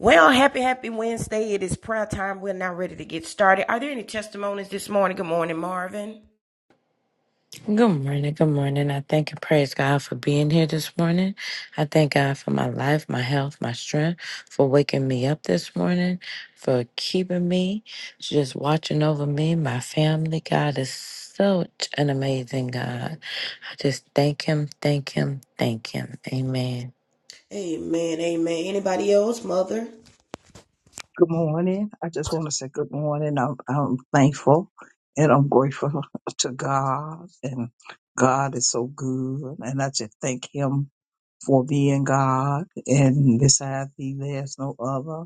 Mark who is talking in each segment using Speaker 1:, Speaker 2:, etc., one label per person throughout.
Speaker 1: Well, happy, happy Wednesday. It is prayer time. We're now ready to get started. Are there any testimonies this morning? Good morning, Marvin.
Speaker 2: Good morning. Good morning. I thank and praise God for being here this morning. I thank God for my life, my health, my strength, for waking me up this morning, for keeping me, just watching over me, my family. God is such an amazing God. I just thank Him, thank Him, thank Him. Amen.
Speaker 1: Amen. Amen. Anybody else, Mother?
Speaker 3: Good morning. I just want to say good morning. I'm, I'm thankful and I'm grateful to God, and God is so good. And I just thank Him for being God. And besides Thee, there's no other.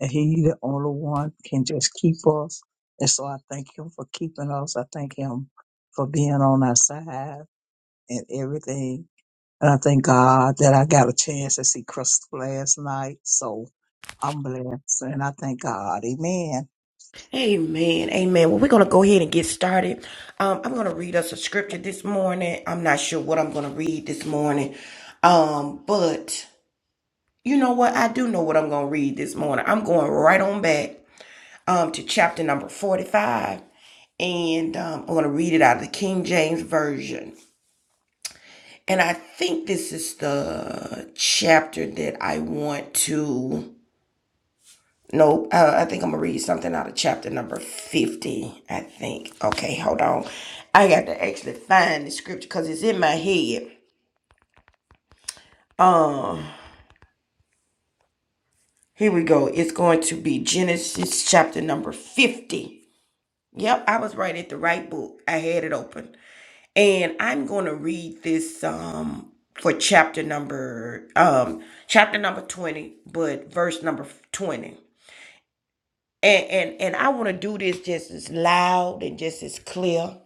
Speaker 3: And He, the only one, can just keep us. And so I thank Him for keeping us. I thank Him for being on our side and everything. And I thank God that I got a chance to see Crystal last night. So I'm blessed and I thank God. Amen.
Speaker 1: Amen. Amen. Well, we're going to go ahead and get started. Um, I'm going to read us a scripture this morning. I'm not sure what I'm going to read this morning. Um, but you know what? I do know what I'm going to read this morning. I'm going right on back um, to chapter number 45 and um, I'm going to read it out of the King James Version. And I think this is the chapter that I want to. Nope, uh, I think I'm gonna read something out of chapter number 50. I think. Okay, hold on. I got to actually find the scripture because it's in my head. Um, here we go. It's going to be Genesis chapter number 50. Yep, I was right at the right book. I had it open. and I'm going to read this um for chapter number um chapter number 20 but verse number 20 and and and I want to do this just as loud and just as clear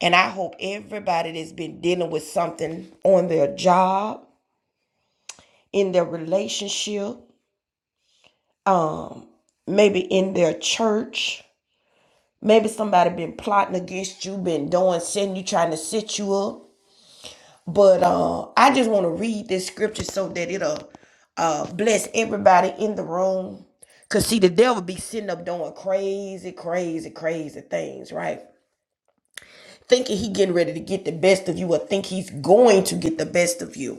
Speaker 1: and I hope everybody that's been dealing with something on their job in their relationship um maybe in their church maybe somebody been plotting against you been doing sin you trying to set you up But uh, I just want to read this scripture so that it'll uh, bless everybody in the room. Cause see, the devil be sitting up doing crazy, crazy, crazy things, right? Thinking he getting ready to get the best of you, or think he's going to get the best of you.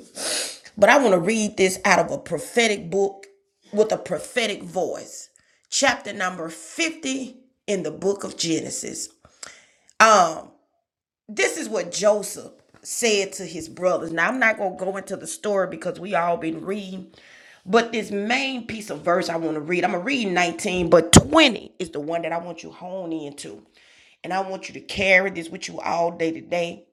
Speaker 1: But I want to read this out of a prophetic book with a prophetic voice, chapter number fifty in the book of Genesis. Um, this is what Joseph said to his brothers. Now I'm not gonna go into the story because we all been reading, but this main piece of verse I want to read. I'm gonna read 19, but 20 is the one that I want you to hone into. And I want you to carry this with you all day today.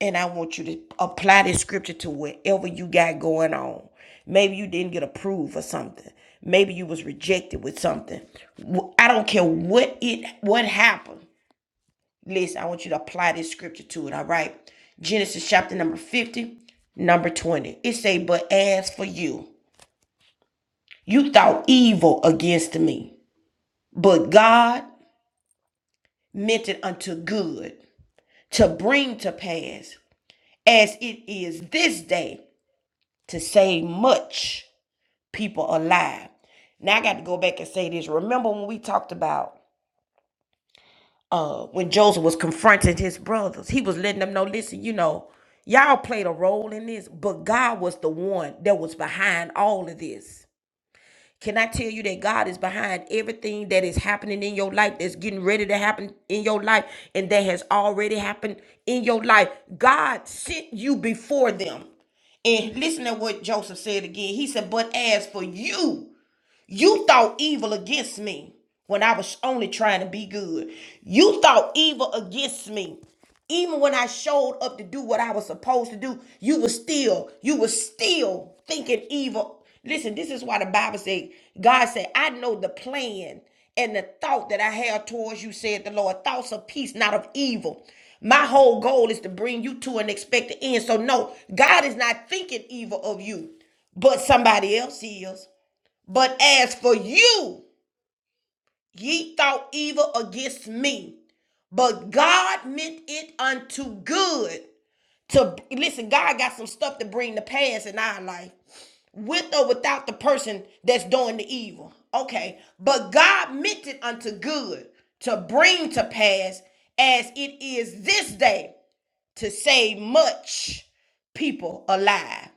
Speaker 1: And I want you to apply this scripture to whatever you got going on. Maybe you didn't get approved for something. Maybe you was rejected with something. I don't care what it what happened. Listen, I want you to apply this scripture to it, all right? Genesis chapter number 50, number 20. It say, But as for you, you thought evil against me, but God meant it unto good to bring to pass, as it is this day, to save much people alive. Now I got to go back and say this. Remember when we talked about uh, when Joseph was confronting his brothers, he was letting them know, listen, you know, y'all played a role in this, but God was the one that was behind all of this. Can I tell you that God is behind everything that is happening in your life, that's getting ready to happen in your life, and that has already happened in your life? God sent you before them. And listen to what Joseph said again. He said, But as for you, you thought evil against me when I was only trying to be good. You thought evil against me. Even when I showed up to do what I was supposed to do, you were still, you were still thinking evil. Listen, this is why the Bible said, God said, I know the plan and the thought that I have towards you, said the Lord, thoughts of peace, not of evil. My whole goal is to bring you to an expected end. So, no, God is not thinking evil of you, but somebody else is. But as for you, ye thought evil against me, but God meant it unto good. To listen, God got some stuff to bring to pass in our life, with or without the person that's doing the evil. Okay, but God meant it unto good to bring to pass as it is this day to save much people alive.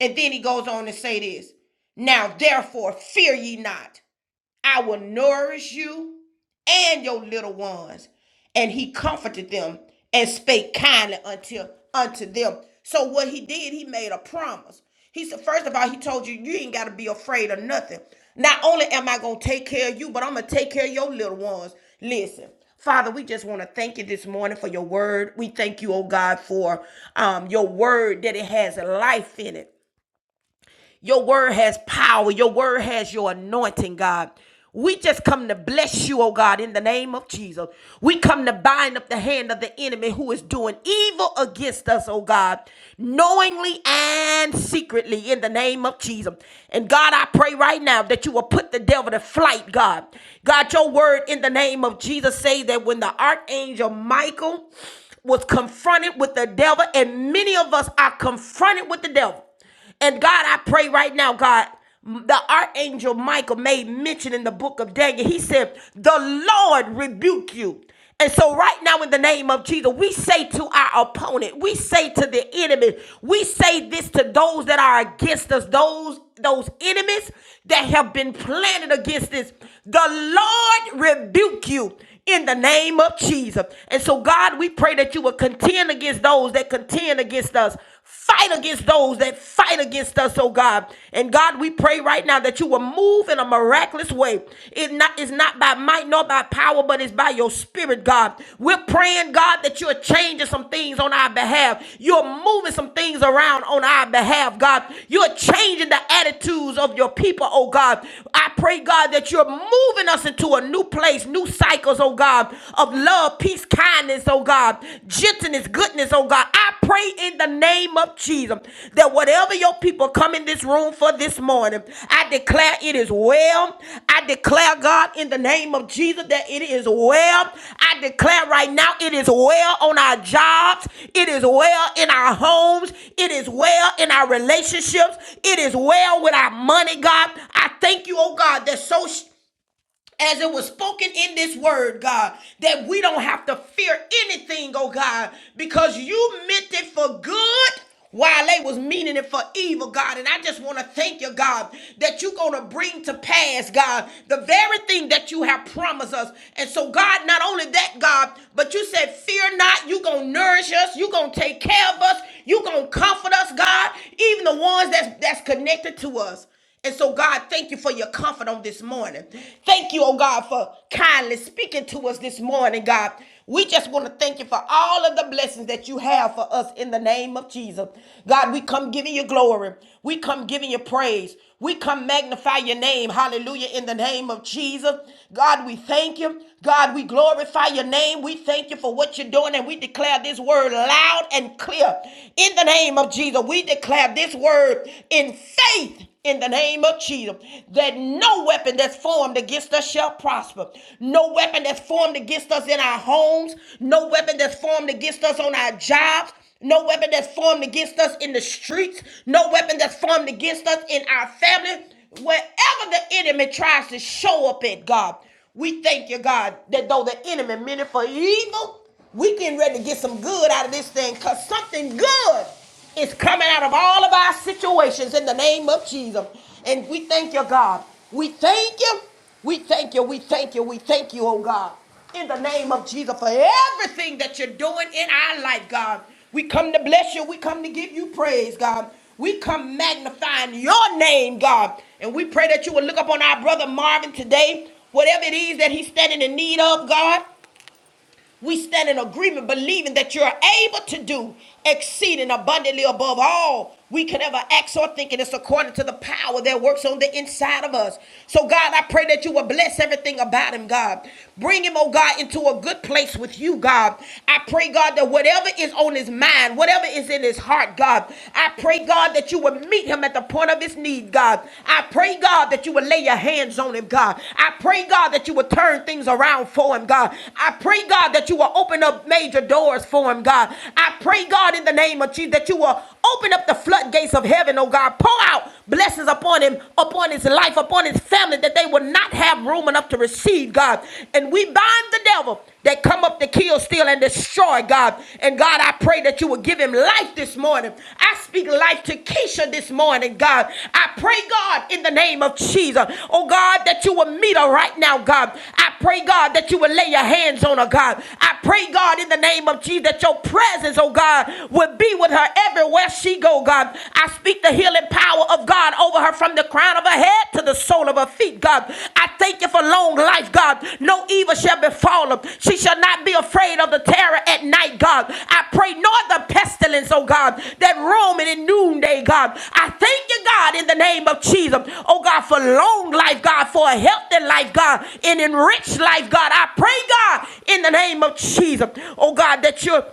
Speaker 1: And then he goes on to say this now, therefore, fear ye not. I will nourish you and your little ones. And he comforted them and spake kindly unto, unto them. So what he did, he made a promise. He said, first of all, he told you, you ain't got to be afraid of nothing. Not only am I going to take care of you, but I'm going to take care of your little ones. Listen, Father, we just want to thank you this morning for your word. We thank you, oh God, for um, your word that it has life in it. Your word has power. Your word has your anointing, God. We just come to bless you, oh God, in the name of Jesus. We come to bind up the hand of the enemy who is doing evil against us, oh God, knowingly and secretly in the name of Jesus. And God, I pray right now that you will put the devil to flight, God. God, your word in the name of Jesus say that when the archangel Michael was confronted with the devil, and many of us are confronted with the devil. And God, I pray right now, God, the archangel Michael made mention in the book of Daniel. He said, The Lord rebuke you. And so, right now, in the name of Jesus, we say to our opponent, we say to the enemy, we say this to those that are against us, those those enemies that have been planted against us. The Lord rebuke you in the name of Jesus. And so, God, we pray that you will contend against those that contend against us. Fight against those that fight against us, oh God. And God, we pray right now that you will move in a miraculous way. It not is not by might nor by power, but it's by your spirit, God. We're praying, God, that you're changing some things on our behalf. You're moving some things around on our behalf, God. You're changing the attitudes of your people, oh God. I pray, God, that you're moving us into a new place, new cycles, oh God, of love, peace, kindness, oh God, gentleness, goodness, oh God. I pray in the name of Jesus that whatever your people come in this room for this morning, I declare it is well. I declare, God, in the name of Jesus, that it is well. I declare right now it is well on our jobs, it is well in our homes, it is well in our relationships, it is well with our money, God. I thank you, oh God, that so Sh- as it was spoken in this word, God, that we don't have to fear anything, oh God, because you meant it for good while they was meaning it for evil, God. And I just want to thank you, God, that you're going to bring to pass, God, the very thing that you have promised us. And so, God, not only that, God, but you said, fear not, you're going to nourish us, you're going to take care of us, you're going to comfort us, God, even the ones that's, that's connected to us. And so, God, thank you for your comfort on this morning. Thank you, oh God, for kindly speaking to us this morning, God. We just want to thank you for all of the blessings that you have for us in the name of Jesus. God, we come giving you glory. We come giving you praise. We come magnify your name. Hallelujah. In the name of Jesus. God, we thank you. God, we glorify your name. We thank you for what you're doing. And we declare this word loud and clear. In the name of Jesus, we declare this word in faith in the name of Jesus that no weapon that's formed against us shall prosper. No weapon that's formed against us in our homes, no weapon that's formed against us on our jobs, no weapon that's formed against us in the streets, no weapon that's formed against us in our family. Wherever the enemy tries to show up at, God, we thank you, God, that though the enemy meant it for evil, we getting ready to get some good out of this thing because something good it's coming out of all of our situations in the name of Jesus. And we thank you, God. We thank you. We thank you. We thank you. We thank you, oh God. In the name of Jesus for everything that you're doing in our life, God. We come to bless you. We come to give you praise, God. We come magnifying your name, God. And we pray that you will look upon our brother Marvin today, whatever it is that he's standing in need of, God. We stand in agreement, believing that you're able to do exceeding abundantly above all we can ever ask or think, and it's according to the power that works on the inside of us. So, God, I pray that you will bless everything about him, God. Bring him, oh God, into a good place with you, God. I pray, God, that whatever is on his mind, whatever is in his heart, God, I pray, God, that you will meet him at the point of his need, God. God. I pray, God, that you would lay your hands on him, God. I pray, God, that you would turn things around for him, God. I pray, God, that you will open up major doors for him, God. I pray, God, in the name of Jesus, that you will open up the floodgates of heaven, oh God. Pour out blessings upon him, upon his life, upon his family, that they will not have room enough to receive, God. And we bind the devil that come up to kill, steal, and destroy, God. And God, I pray that you will give him life this morning. I speak life to Keisha this morning, God. I pray, God, in the name of Jesus. Oh, God, that you will meet her right now, God. I pray, God, that you will lay your hands on her, God. I pray, God, in the name of Jesus, that your presence, oh God, will be with her everywhere she go, God. I speak the healing power of God over her from the crown of her head to the sole of her feet, God. I thank you for long life, God. No evil shall befall her. She shall not be afraid of the terror at night, God. I pray, nor the pestilence, oh God, that roaming in noonday, God. I thank you, God, in the name of Jesus. Oh God, for long life, God, for a healthy life, God, an enriched life, God. I pray, God, in the name of Jesus. Oh God, that you're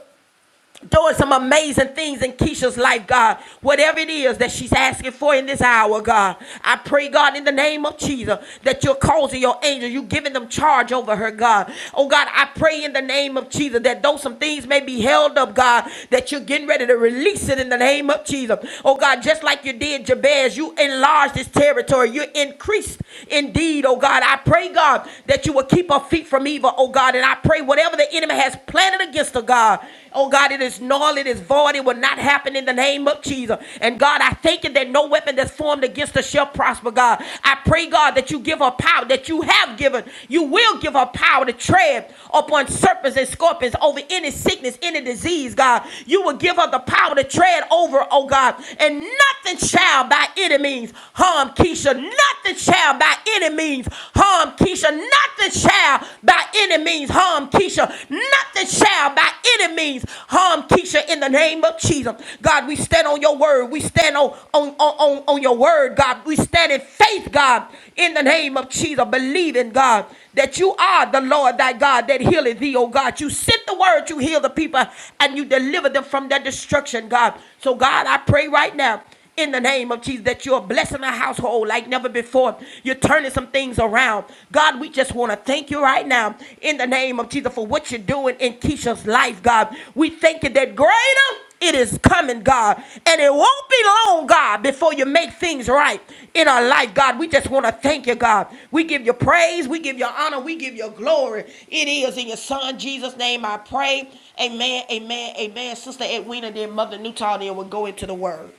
Speaker 1: doing some amazing things in Keisha's life, God. Whatever it is that she's asking for in this hour, God. I pray, God, in the name of Jesus, that you're causing your angels, you're giving them charge over her, God. Oh, God, I pray in the name of Jesus that though some things may be held up, God, that you're getting ready to release it in the name of Jesus. Oh, God, just like you did Jabez, you enlarged this territory. You increased indeed, oh, God. I pray, God, that you will keep her feet from evil, oh, God. And I pray whatever the enemy has planted against her, God Oh God, it is null, it is void, it will not happen in the name of Jesus. And God, I thank you that no weapon that's formed against us shall prosper, God. I pray, God, that you give her power, that you have given, you will give her power to tread upon serpents and scorpions over any sickness, any disease, God. You will give her the power to tread over, oh God, and nothing shall by any means harm Keisha. Nothing shall by any means harm Keisha. Nothing shall by any means harm Keisha. Nothing shall by any means harm Keisha in the name of Jesus. God, we stand on your word. We stand on, on, on, on, your word, God. We stand in faith, God, in the name of Jesus, believing, God, that you are the Lord thy God that healeth thee, oh God. You sent the word, you heal the people, and you deliver them from their destruction, God. So, God, I pray right now in the name of Jesus that you're blessing our household like never before. You're turning some things around. God, we just want to thank you right now in the name of Jesus for what you're doing in Keisha's life, God. We thank you that greater it is coming, God. And it won't be long, God, before you make things right in our life, God. We just want to thank you, God. We give you praise, we give you honor, we give you glory. It is in your son Jesus' name I pray. Amen, amen, amen. Sister Edwina, then Mother Newton, then we'll go into the word.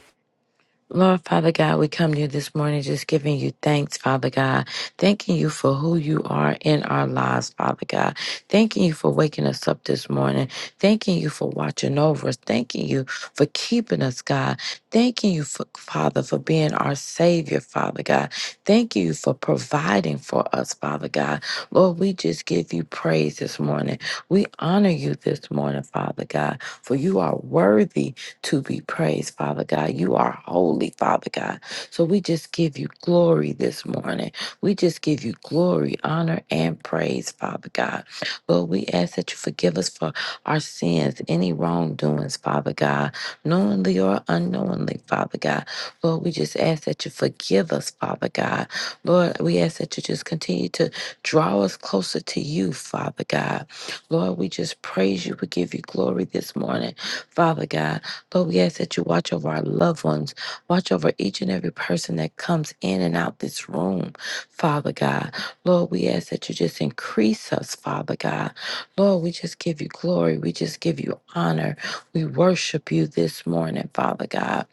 Speaker 2: Lord Father God, we come to you this morning just giving you thanks, Father God. Thanking you for who you are in our lives, Father God. Thanking you for waking us up this morning. Thanking you for watching over us. Thanking you for keeping us, God. Thanking you, for, Father, for being our Savior, Father God. Thank you for providing for us, Father God. Lord, we just give you praise this morning. We honor you this morning, Father God, for you are worthy to be praised, Father God. You are holy, Father God. So we just give you glory this morning. We just give you glory, honor, and praise, Father God. Lord, we ask that you forgive us for our sins, any wrongdoings, Father God, knowingly or unknowingly, Father God. Lord, we just ask that you forgive us, Father God. Lord, we ask that you just continue to draw us closer to you, Father God. Lord, we just praise you. We give you glory this morning, Father God. Lord, we ask that you watch over our loved ones, watch over each and every person that comes in and out this room, Father God. Lord, we ask that you just increase us, Father God. Lord, we just give you glory. We just give you honor. We worship you this morning, Father God.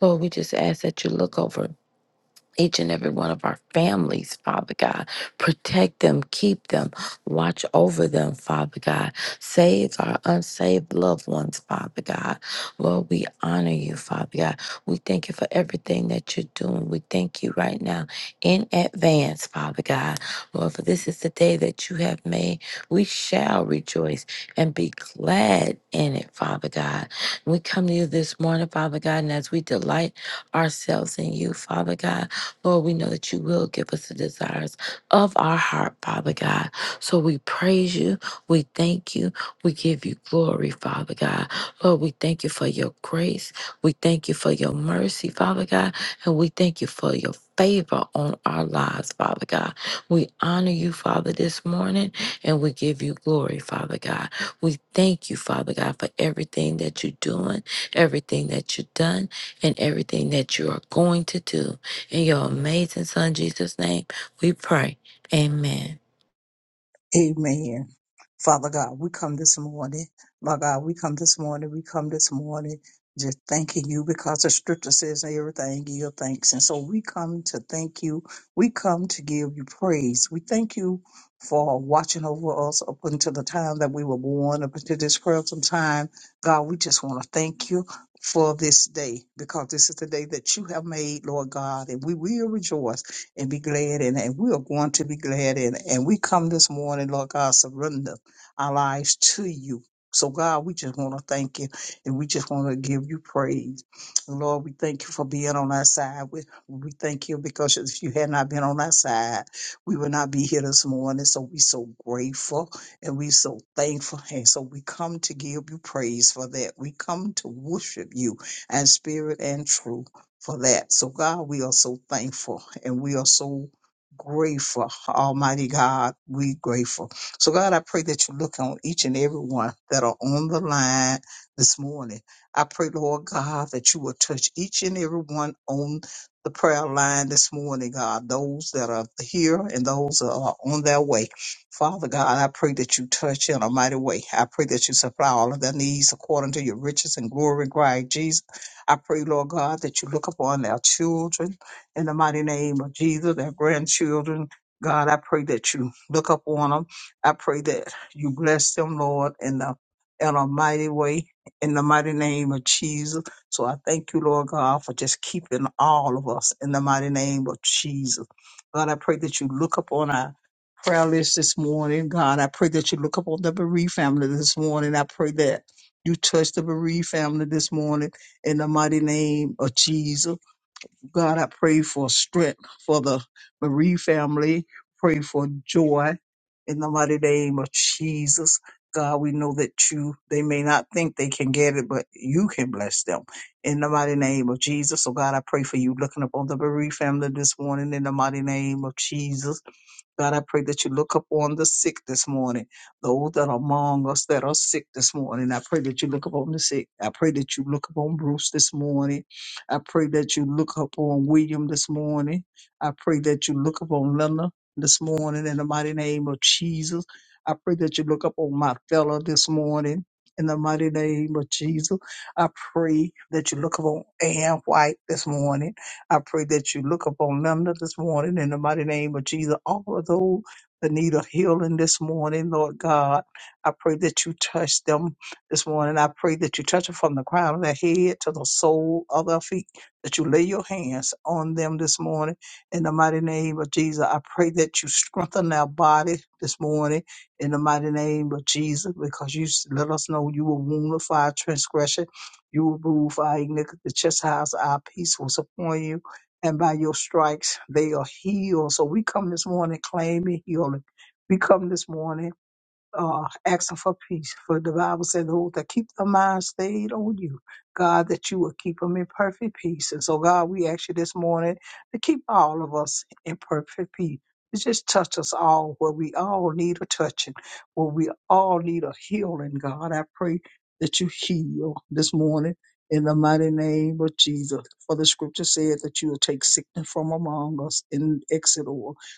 Speaker 2: Lord, we just ask that you look over each and every one of our families, Father God. Protect them, keep them, watch over them, Father God. Save our unsaved loved ones, Father God. Lord, we honor you, Father God. We thank you for everything that you're doing. We thank you right now in advance, Father God. Lord, for this is the day that you have made. We shall rejoice and be glad in it, Father God. We come to you this morning, Father God, and as we delight ourselves in you, Father God. Lord, we know that you will give us the desires of our heart, Father God. So we praise you. We thank you. We give you glory, Father God. Lord, we thank you for your grace. We thank you for your mercy, Father God. And we thank you for your favor on our lives, Father God. We honor you, Father, this morning, and we give you glory, Father God. We thank you, Father God, for everything that you're doing, everything that you've done, and everything that you are going to do. In your amazing son Jesus' name, we pray. Amen.
Speaker 3: Amen. Father God, we come this morning. my God, we come this morning. We come this morning just thanking you because the scripture says everything give thanks. And so we come to thank you. We come to give you praise. We thank you for watching over us up until the time that we were born, up until this present time. God, we just want to thank you for this day because this is the day that you have made, Lord God, and we will rejoice and be glad in it. And we are going to be glad in it. And we come this morning, Lord God, surrender our lives to you. So, God, we just want to thank you and we just want to give you praise. Lord, we thank you for being on our side. We, we thank you because if you had not been on our side, we would not be here this morning. So, we so grateful and we so thankful. And so, we come to give you praise for that. We come to worship you in spirit and truth for that. So, God, we are so thankful and we are so grateful. Almighty God, we grateful. So, God, I pray that you look on each and every one that are on the line this morning. I pray, Lord God, that you will touch each and every one on the prayer line this morning, God, those that are here and those that are on their way. Father God, I pray that you touch in a mighty way. I pray that you supply all of their needs according to your riches and glory, Christ Jesus. I pray, Lord God, that you look upon our children in the mighty name of Jesus, our grandchildren. God, I pray that you look upon them. I pray that you bless them, Lord, in the in a mighty way, in the mighty name of Jesus. So I thank you, Lord God, for just keeping all of us in the mighty name of Jesus. God, I pray that you look upon our prayer list this morning. God, I pray that you look upon the bereaved family this morning. I pray that you touch the bereaved family this morning in the mighty name of Jesus. God, I pray for strength for the Marie family. Pray for joy in the mighty name of Jesus. God, we know that you, they may not think they can get it, but you can bless them in the mighty name of Jesus. So, God, I pray for you looking upon the Marie family this morning in the mighty name of Jesus. God, I pray that you look upon the sick this morning, those that are among us that are sick this morning. I pray that you look upon the sick. I pray that you look upon Bruce this morning. I pray that you look upon William this morning. I pray that you look upon Linda this morning in the mighty name of Jesus. I pray that you look upon my fellow this morning in the mighty name of Jesus. I pray that you look upon Ann White this morning. I pray that you look upon them this morning in the mighty name of Jesus. All of those that need a healing this morning, Lord God, I pray that you touch them this morning. I pray that you touch them from the crown of their head to the sole of their feet, that you lay your hands on them this morning in the mighty name of Jesus. I pray that you strengthen their body this morning in the mighty name of Jesus, because you s- let us know you will wound for our transgression. You will rule for our iniquity. The chastisement of our peace was upon you and by your stripes they are healed. So we come this morning claiming healing. We come this morning uh, asking for peace. For the Bible said, Lord, to keep their mind stayed on you. God, that you will keep them in perfect peace. And so, God, we ask you this morning to keep all of us in perfect peace. To Just touch us all where we all need a touching, where we all need a healing, God. I pray that you heal this morning in the mighty name of Jesus. For the scripture said that you will take sickness from among us in Exodus.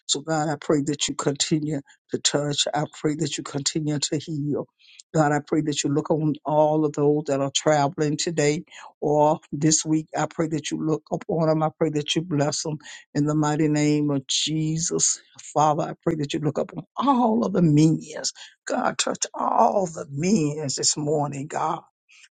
Speaker 3: So, God, I pray that you continue to touch. I pray that you continue to heal. God, I pray that you look on all of those that are traveling today or this week. I pray that you look upon them. I pray that you bless them in the mighty name of Jesus. Father, I pray that you look upon all of the means. God, touch all the means this morning, God.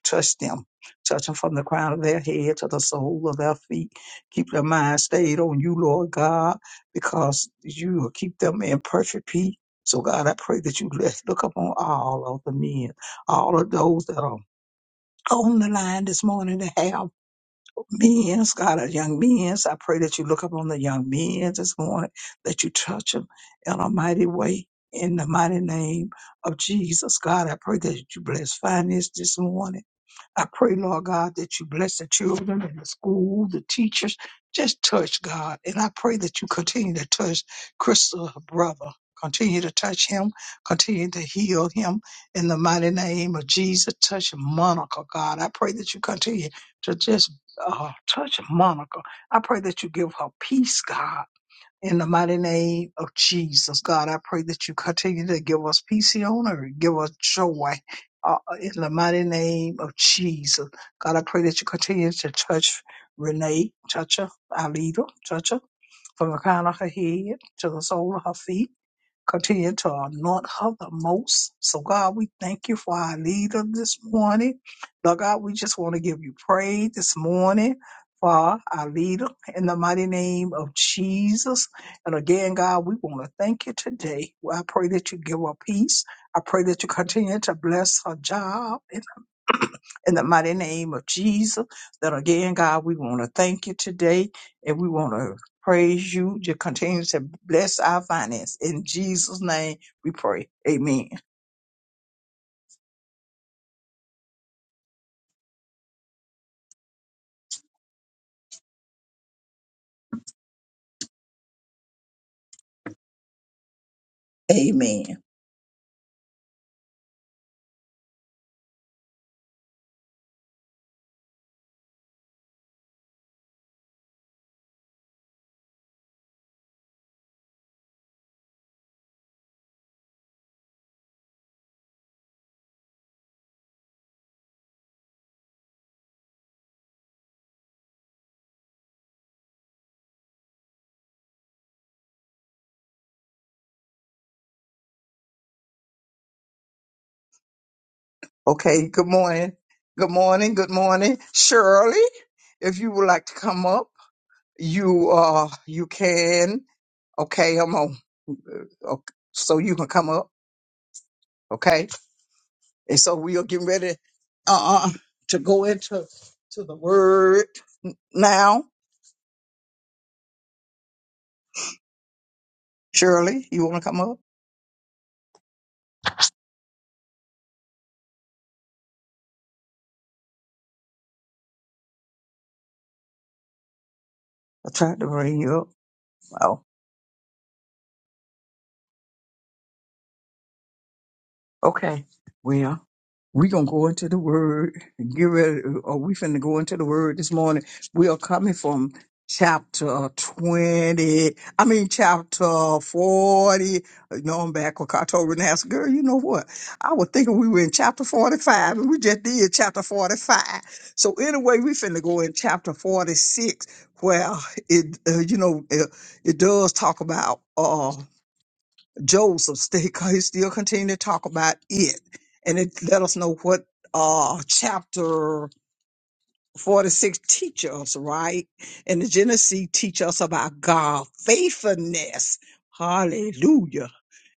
Speaker 3: Touch them. Touch them from the crown of their head to the sole of their feet. Keep their mind stayed on you, Lord God, because you will keep them in perfect peace so God, I pray that you bless, look upon all of the men, all of those that are on the line this morning that have men's, God, our young men's. I pray that you look upon the young men this morning, that you touch them in a mighty way. In the mighty name of Jesus, God, I pray that you bless finance this morning. I pray, Lord God, that you bless the children and the school, the teachers. Just touch, God. And I pray that you continue to touch Crystal, her brother. Continue to touch him. Continue to heal him in the mighty name of Jesus. Touch Monica, God. I pray that you continue to just uh, touch Monica. I pray that you give her peace, God. In the mighty name of Jesus, God, I pray that you continue to give us peace and honor, give us joy. Uh, in the mighty name of Jesus, God, I pray that you continue to touch Renee, touch her, our leader, touch her from the crown of her head to the sole of her feet continue to anoint her the most. So, God, we thank you for our leader this morning. Lord God, we just want to give you praise this morning for our leader in the mighty name of Jesus. And again, God, we want to thank you today. Well, I pray that you give her peace. I pray that you continue to bless her job in the mighty name of Jesus. That again, God, we want to thank you today and we want to praise you You continue to bless our finance. In Jesus' name we pray. Amen. Amen. Okay, good morning. Good morning. Good morning. Shirley, if you would like to come up, you uh you can. Okay, I'm on. Okay, so you can come up. Okay. And so we are getting ready uh uh to go into to the word now. Shirley, you want to come up? I tried to bring you up. Oh, okay. Well, we going to go into the word. Get ready. Are we finna go into the word this morning? We are coming from chapter 20. I mean, chapter 40. No, I'm back. I told Renata, girl, you know what? I was thinking we were in chapter 45 and we just did chapter 45. So anyway, we finna go in chapter 46 where it, uh, you know, it, it does talk about, uh, Joseph, they he still continued to talk about it, and it let us know what uh chapter 46 teach us, right? And the Genesis teach us about God faithfulness. Hallelujah.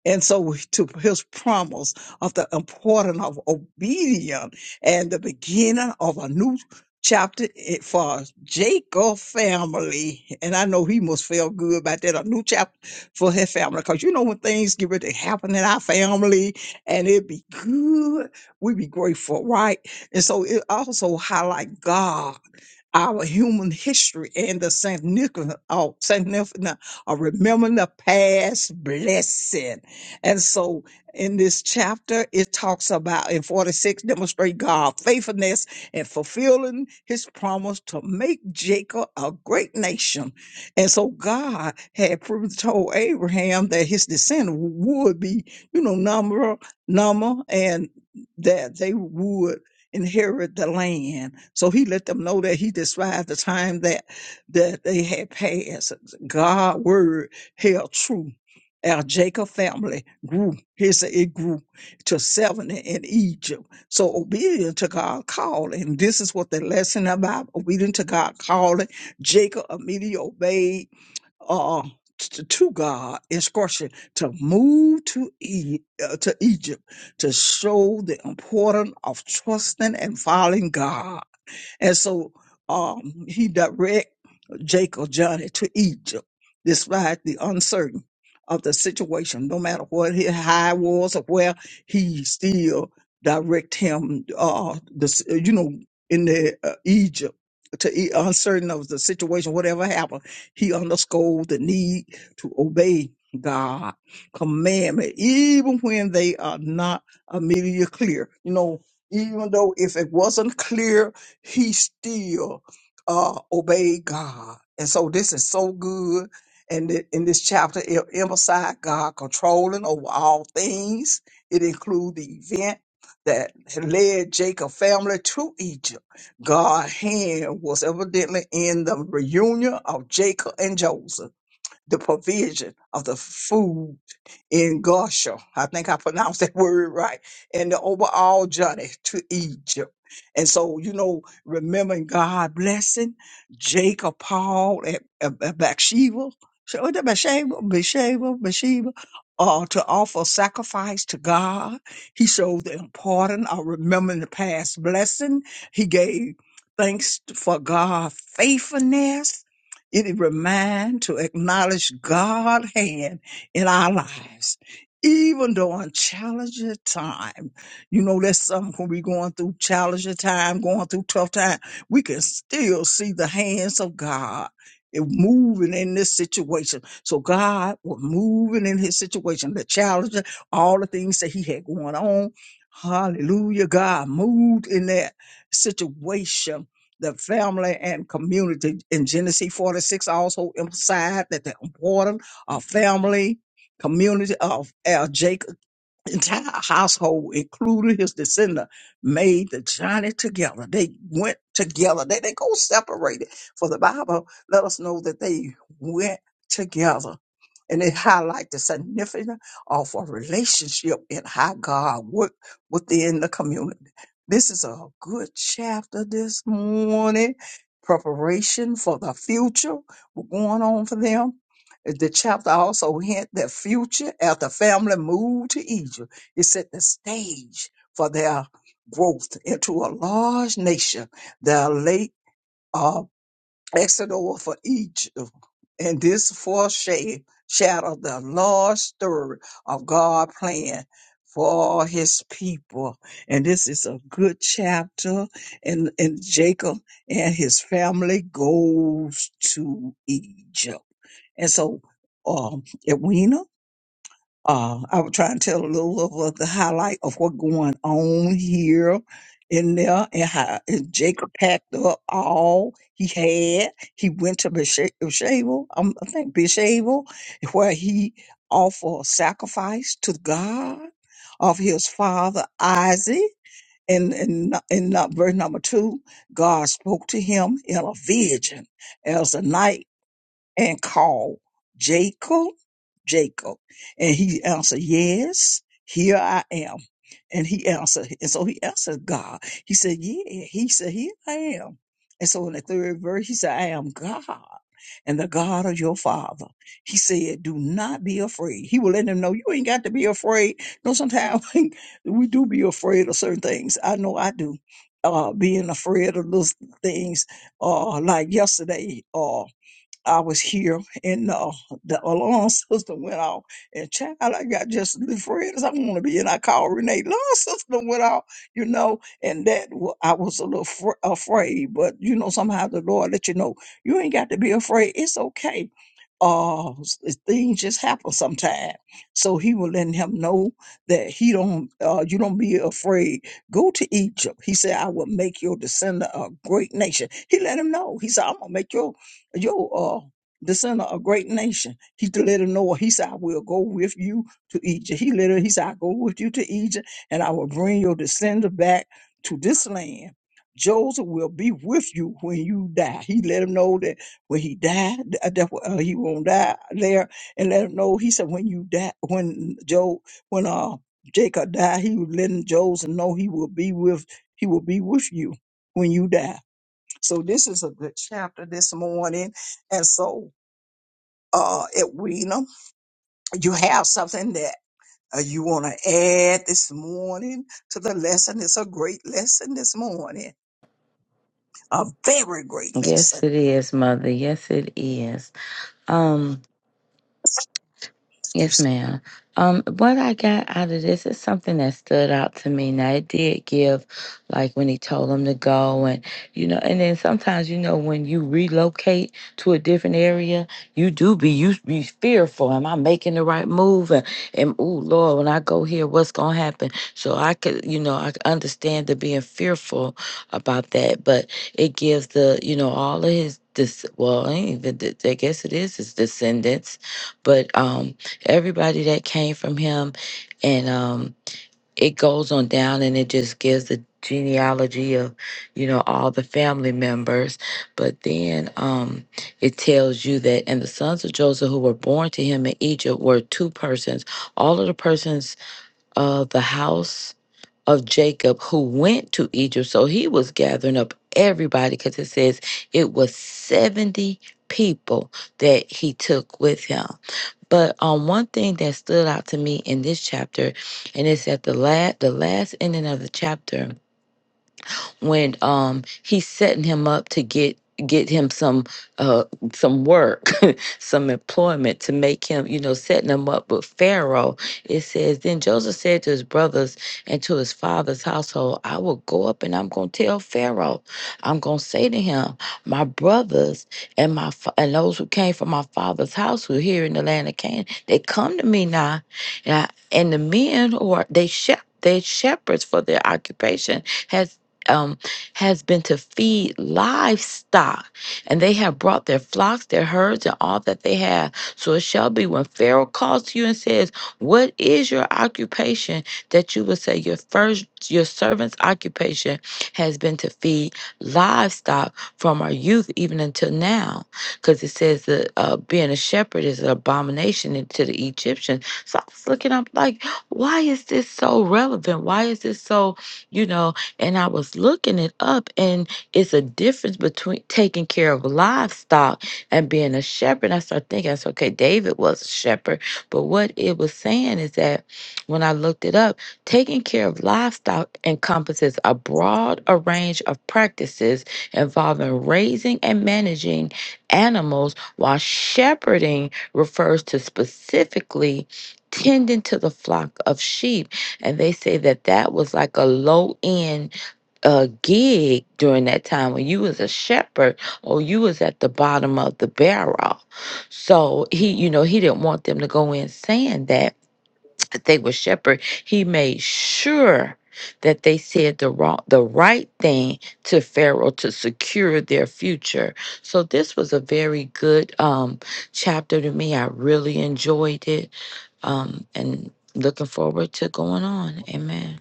Speaker 3: And so to his promise of the importance of obedience and the beginning of a new chapter i- for Jacob family. And I know he must feel good about that, a new chapter for his family. Because you know when things get ready to happen in our family and it be good, we be grateful, right? And so it also highlight God, our human history, and the significance of, significance of remembering the past blessing. And so in this chapter, it talks about in 46, demonstrate God's faithfulness and fulfilling his promise to make Jacob a great nation. And so God had pre- told Abraham that his descendant would be, you know, number, number, and that they would inherit the land. So he let them know that he described the time that that they had passed. God's word held true. Our Jacob family grew. He said it grew to 70 in Egypt. So obedient to God's calling. This is what the lesson about obedient to God's calling. Jacob immediately obeyed uh, t- to God instruction to move to e- uh, to Egypt to show the importance of trusting and following God. And so um, he directed. Jacob journey to Egypt, despite the uncertain of the situation. No matter what his high was or where he still direct him, uh, this, you know, in the uh, Egypt to E- uncertain of the situation, whatever happened, he underscored the need to obey God commandment, even when they are not immediately clear. You know, even though if it wasn't clear, he still uh, obey God. And so this is so good. And it- in this chapter, it emphasizes God controlling over all things. It includes the event that led Jacob family to Egypt. God's hand was evidently in the reunion of Jacob and Joseph, the provision of the food in Goshen. I think I pronounced that word right. And the overall journey to Egypt. And so, you know, remembering God blessing Jacob, Paul, and, and, and Bathsheba, so was it Bathsheba, Bathsheba, Bathsheba, uh, to offer sacrifice to God. He showed the importance of remembering the past blessing. He gave thanks for God's faithfulness. It is remind to acknowledge God's hand in our lives. Even though on challenging time, you know, that's something when we going through challenging time, going through tough time, we can still see the hands of God in moving in this situation. So God was moving in his situation, the challenge, all the things that he had going on. Hallelujah. God moved in that situation the family and community in Genesis 46 also emphasized that the importance of family community of Al Jacob, entire household, including his descendant, made the journey together. They went together. They they go separated. For the Bible let us know that they went together. And it highlight the significance of a relationship and how God worked within the community. This is a good chapter this morning. Preparation for the future going on for them the chapter also hint that future after family moved to Egypt, it set the stage for their growth into a large nation. The late uh, Exodus for Egypt, and this foreshadowed shadowed the large story of God' plan for His people. And this is a good chapter, and and Jacob and his family goes to Egypt. And so, um, at Weena, uh, I was trying to tell a little of what the highlight of what going on here in there and how and Jacob packed up all he had. He went to Besha- Beshavel, um, I think Beshavel, where he offered sacrifice to God of his father Isaac. And in, in, in verse number two, God spoke to him in a vision as the night and called Jacob, Jacob. And he answered, Yes, here I am. And he answered, and so he answered God. He said, Yeah, he said, Here I am. And so in the third verse, he said, I am God and the God of your father. He said, Do not be afraid. He will let them know you ain't got to be afraid. No, sometimes we do be afraid of certain things. I know I do. Uh, being afraid of those things, uh, like yesterday. uh, I was here and uh, the alarm system went off. And child, I got just as afraid as I want to be. And I called Renee, alarm system went off, you know, and that wa- I was a little fr- afraid. But, you know, somehow the Lord let you know, you ain't got to be afraid. It's okay. Uh, s- s- things just happen sometimes. So he was letting him know that he don't, uh, you don't be afraid. Go to Egypt. He said, I will make your descendant a great nation. He let him know. He said, I'm going to make your Yo, uh, descend of a great nation. He to let him know he said, I will go with you to Egypt. He let her, he said, I go with you to Egypt, and I will bring your descendant back to this land. Joseph will be with you when you die. He let him know that when he died, uh, that uh, he won't die there, and let him know. He said, when you die, when Joe, when uh Jacob died, he was letting Joseph know he will be with, he will be with you when you die so this is a good chapter this morning. And so, uh, Edwina, you have something that uh, you want to add this morning to the lesson. It's a great lesson this morning, a very great
Speaker 2: Yes,
Speaker 3: lesson.
Speaker 2: it is, Mother. Yes, it is. Um. Yes,
Speaker 3: Excuse
Speaker 2: ma'am. Um, what I got out of this is something that stood out to me. Now it did give, like when he told him to go, and you know, and then sometimes you know when you relocate to a different area, you do be you be fearful. Am I making the right move? And, and oh Lord, when I go here, what's gonna happen? So I could, you know, I could understand the being fearful about that, but it gives the, you know, all of his. This, well, I ain't even, I guess it is his descendants, but um, everybody that came from him and um it goes on down and it just gives the genealogy of you know all the family members but then um it tells you that and the sons of joseph who were born to him in egypt were two persons all of the persons of the house of Jacob who went to Egypt. So he was gathering up everybody because it says it was 70 people that he took with him. But um, one thing that stood out to me in this chapter, and it's at the last the last ending of the chapter, when um he's setting him up to get get him some uh some work some employment to make him you know setting him up with pharaoh it says then joseph said to his brothers and to his father's household i will go up and i'm going to tell pharaoh i'm going to say to him my brothers and my fa- and those who came from my father's house who are here in the land of canaan they come to me now and, I, and the men who are they shep they shepherds for their occupation um, has been to feed livestock, and they have brought their flocks, their herds, and all that they have. So it shall be when Pharaoh calls to you and says, "What is your occupation?" That you will say, "Your first, your servant's occupation has been to feed livestock from our youth even until now," because it says that uh, being a shepherd is an abomination to the Egyptians. So I was looking up like, why is this so relevant? Why is this so, you know? And I was looking it up, and it's a difference between taking care of livestock and being a shepherd. I started thinking, I said, okay, David was a shepherd. But what it was saying is that when I looked it up, taking care of livestock encompasses a broad a range of practices involving raising and managing animals, while shepherding refers to specifically tending to the flock of sheep and they say that that was like a low end a gig during that time when you was a shepherd or you was at the bottom of the barrel. So he, you know, he didn't want them to go in saying that that they were shepherd, he made sure that they said the wrong, the right thing to Pharaoh to secure their future. So this was a very good um, chapter to me. I really enjoyed it, um, and looking forward to going on. Amen.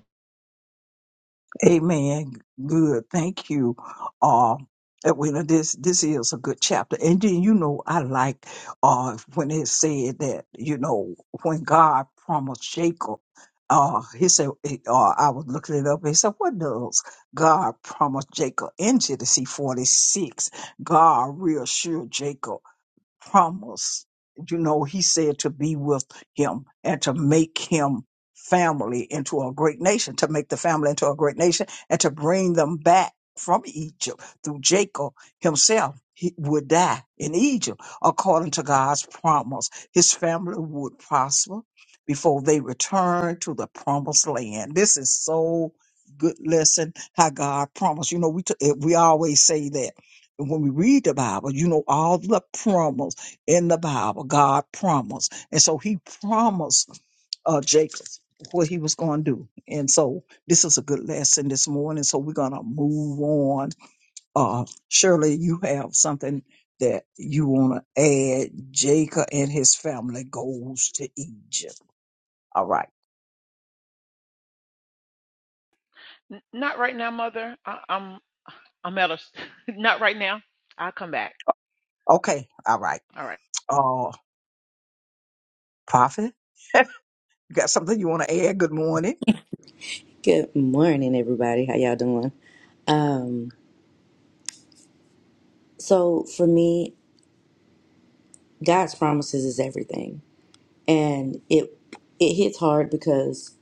Speaker 3: Amen. Good. Thank you. Uh, Edwina, this this is a good chapter. And then you know I like uh when it said that, you know, when God promised Jacob, uh he said eh, uh, I was looking it up, he said, What does God promise Jacob in Genesis forty six? God reassured Jacob promise. You know, he said to be with him and to make him family into a great nation, to make the family into a great nation and to bring them back from Egypt through Jacob himself. He would die in Egypt according to God's promise. His family would prosper before they return to the promised land. This is so good lesson how God promised. You know, we, t- eh, we always say that and when we read the Bible, you know, all the promise in the Bible, God promised. And so he promised uh, Jacob what he was going to do. And so this is a good lesson this morning. So we're going to move on. Uh, Shirley, you have something that you want to add. Jacob and his family goes to Egypt. All right.
Speaker 4: N- not right now, mother. I, I'm I'm at a not right now. I'll come back.
Speaker 3: Okay. All right.
Speaker 4: All right.
Speaker 3: Uh, prophet, you got something you want to add? Good morning.
Speaker 5: Good morning, everybody. How y'all doing? Um, so for me, God's promises is everything, and it it hits hard because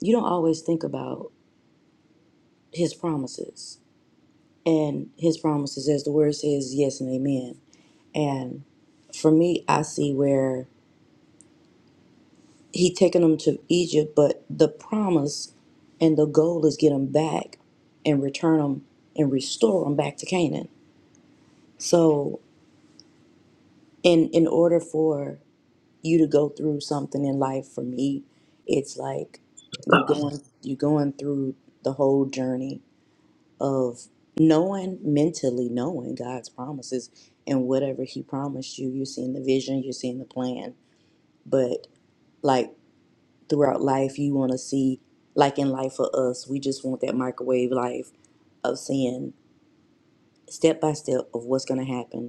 Speaker 5: you don't always think about His promises and His promises, as the word says, yes and amen. And for me, I see where He taken them to Egypt, but the promise and the goal is get them back and return them and restore them back to Canaan. So in in order for you to go through something in life for me it's like you're going you're going through the whole journey of knowing mentally knowing god's promises and whatever he promised you you're seeing the vision you're seeing the plan but like throughout life you want to see like in life for us we just want that microwave life of seeing step by step of what's going to happen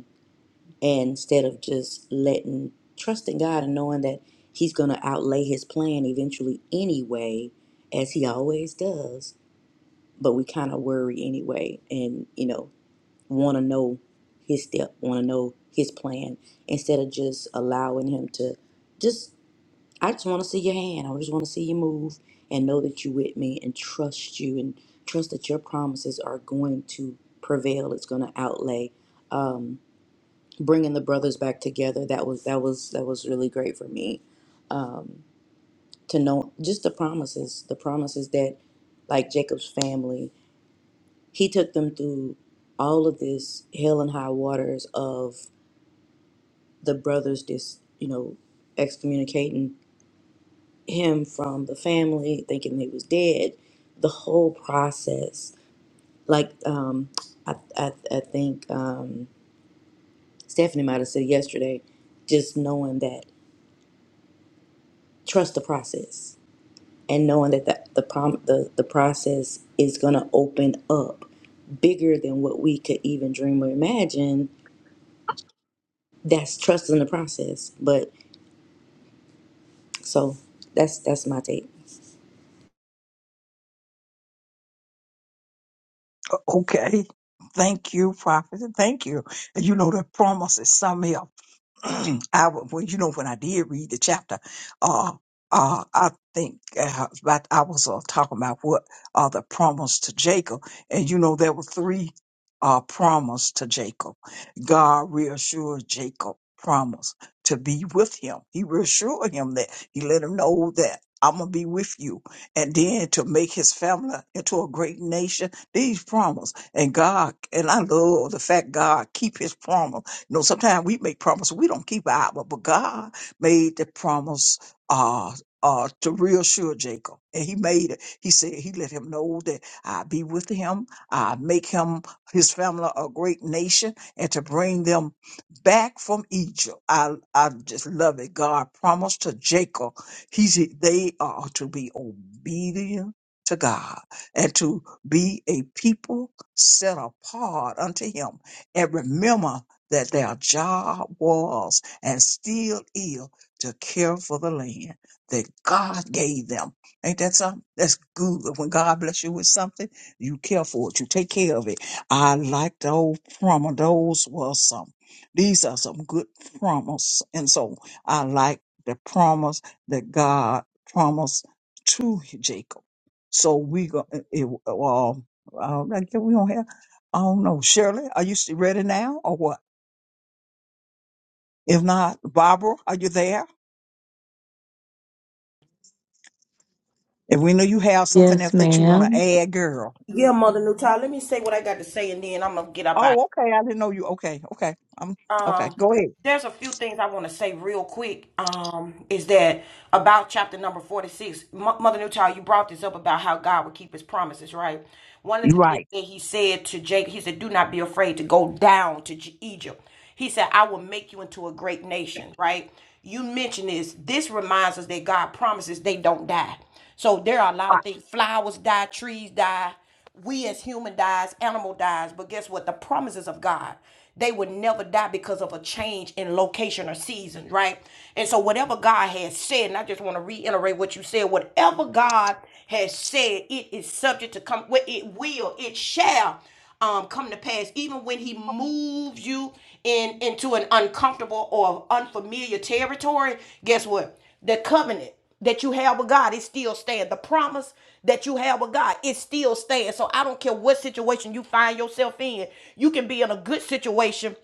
Speaker 5: and instead of just letting trusting God and knowing that He's going to outlay His plan eventually anyway, as He always does. But we kind of worry anyway, and you know, want to know His step, want to know His plan instead of just allowing Him to just. I just want to see your hand. I just want to see you move and know that you're with me and trust you and trust that your promises are going to prevail. It's going to outlay. Um, bringing the brothers back together that was that was that was really great for me um to know just the promises the promises that like jacob's family he took them through all of this hell and high waters of the brothers just you know excommunicating him from the family thinking he was dead the whole process like um i i, I think um stephanie might have said yesterday just knowing that trust the process and knowing that the the, prom, the, the process is going to open up bigger than what we could even dream or imagine that's trusting the process but so that's that's my take
Speaker 3: Okay. Thank you, Prophet. Thank you. And you know, the promise is something up. I wa- well, you know, when I did read the chapter, uh, uh, I think uh, about, I was uh, talking about what uh, the promise to Jacob, and you know, there were three uh, promise to Jacob. God reassured Jacob promise to be with him. He reassured him that he let him know that. I'm gonna be with you, and then to make his family into a great nation. These promise, and God, and I love the fact God keep His promise you know, sometimes we make promises we don't keep our hour, but God made the promise uh uh to reassure Jacob. And he made it. He said he let him know that I be with him, I make him his family a great nation, and to bring them back from Egypt. I I just love it. God promised to Jacob, he's they are to be obedient to God and to be a people set apart unto him. And remember that their job was and still is to care for the land that God gave them. Ain't that something? That's good. When God bless you with something, you care for it. You take care of it. I like the old promo. Those were some. These are some good promise. And so I like the promise that God promised to Jacob. So we go, uh, it, uh, well, uh, I we don't have I do know. Shirley, are you still ready now or what? If not, Barbara, are you there? If we know you have something
Speaker 2: Yes,
Speaker 3: else that you want to
Speaker 2: ma'am.
Speaker 3: add, girl.
Speaker 1: Yeah, Mother Newtown. Let me say what I got to say, and then I'm gonna get up out.
Speaker 3: Oh, okay. I didn't know you. Okay, okay. I'm okay.
Speaker 1: Um,
Speaker 3: Go ahead.
Speaker 1: there's a few things I want to say real quick. Um, is that about chapter number forty-six? Mo- Mother Newtown, you brought this up about how God would keep His promises, right? One of
Speaker 3: You're
Speaker 1: the things
Speaker 3: right.
Speaker 1: that He said to Jacob, He said, "Do not be afraid to go down to J- Egypt." He said, "I will make you into a great nation." Right? You mentioned this. This reminds us that God promises they don't die. So there are a lot
Speaker 3: Ah,
Speaker 1: of things. Flowers die, trees die we as human dies, animal dies, but guess what? The promises of God, they would never die because of a change in location or season, right? And so whatever God has said, and I just want to reiterate what you said, whatever God has said, it is subject to come, well, it will, it shall um, come to pass, even when he moves you in into an uncomfortable or unfamiliar territory, guess what? The covenant that you have with God, it still stands. The promise that you have with God, it still stands. So I don't care what situation you find yourself in. You can be in a good situation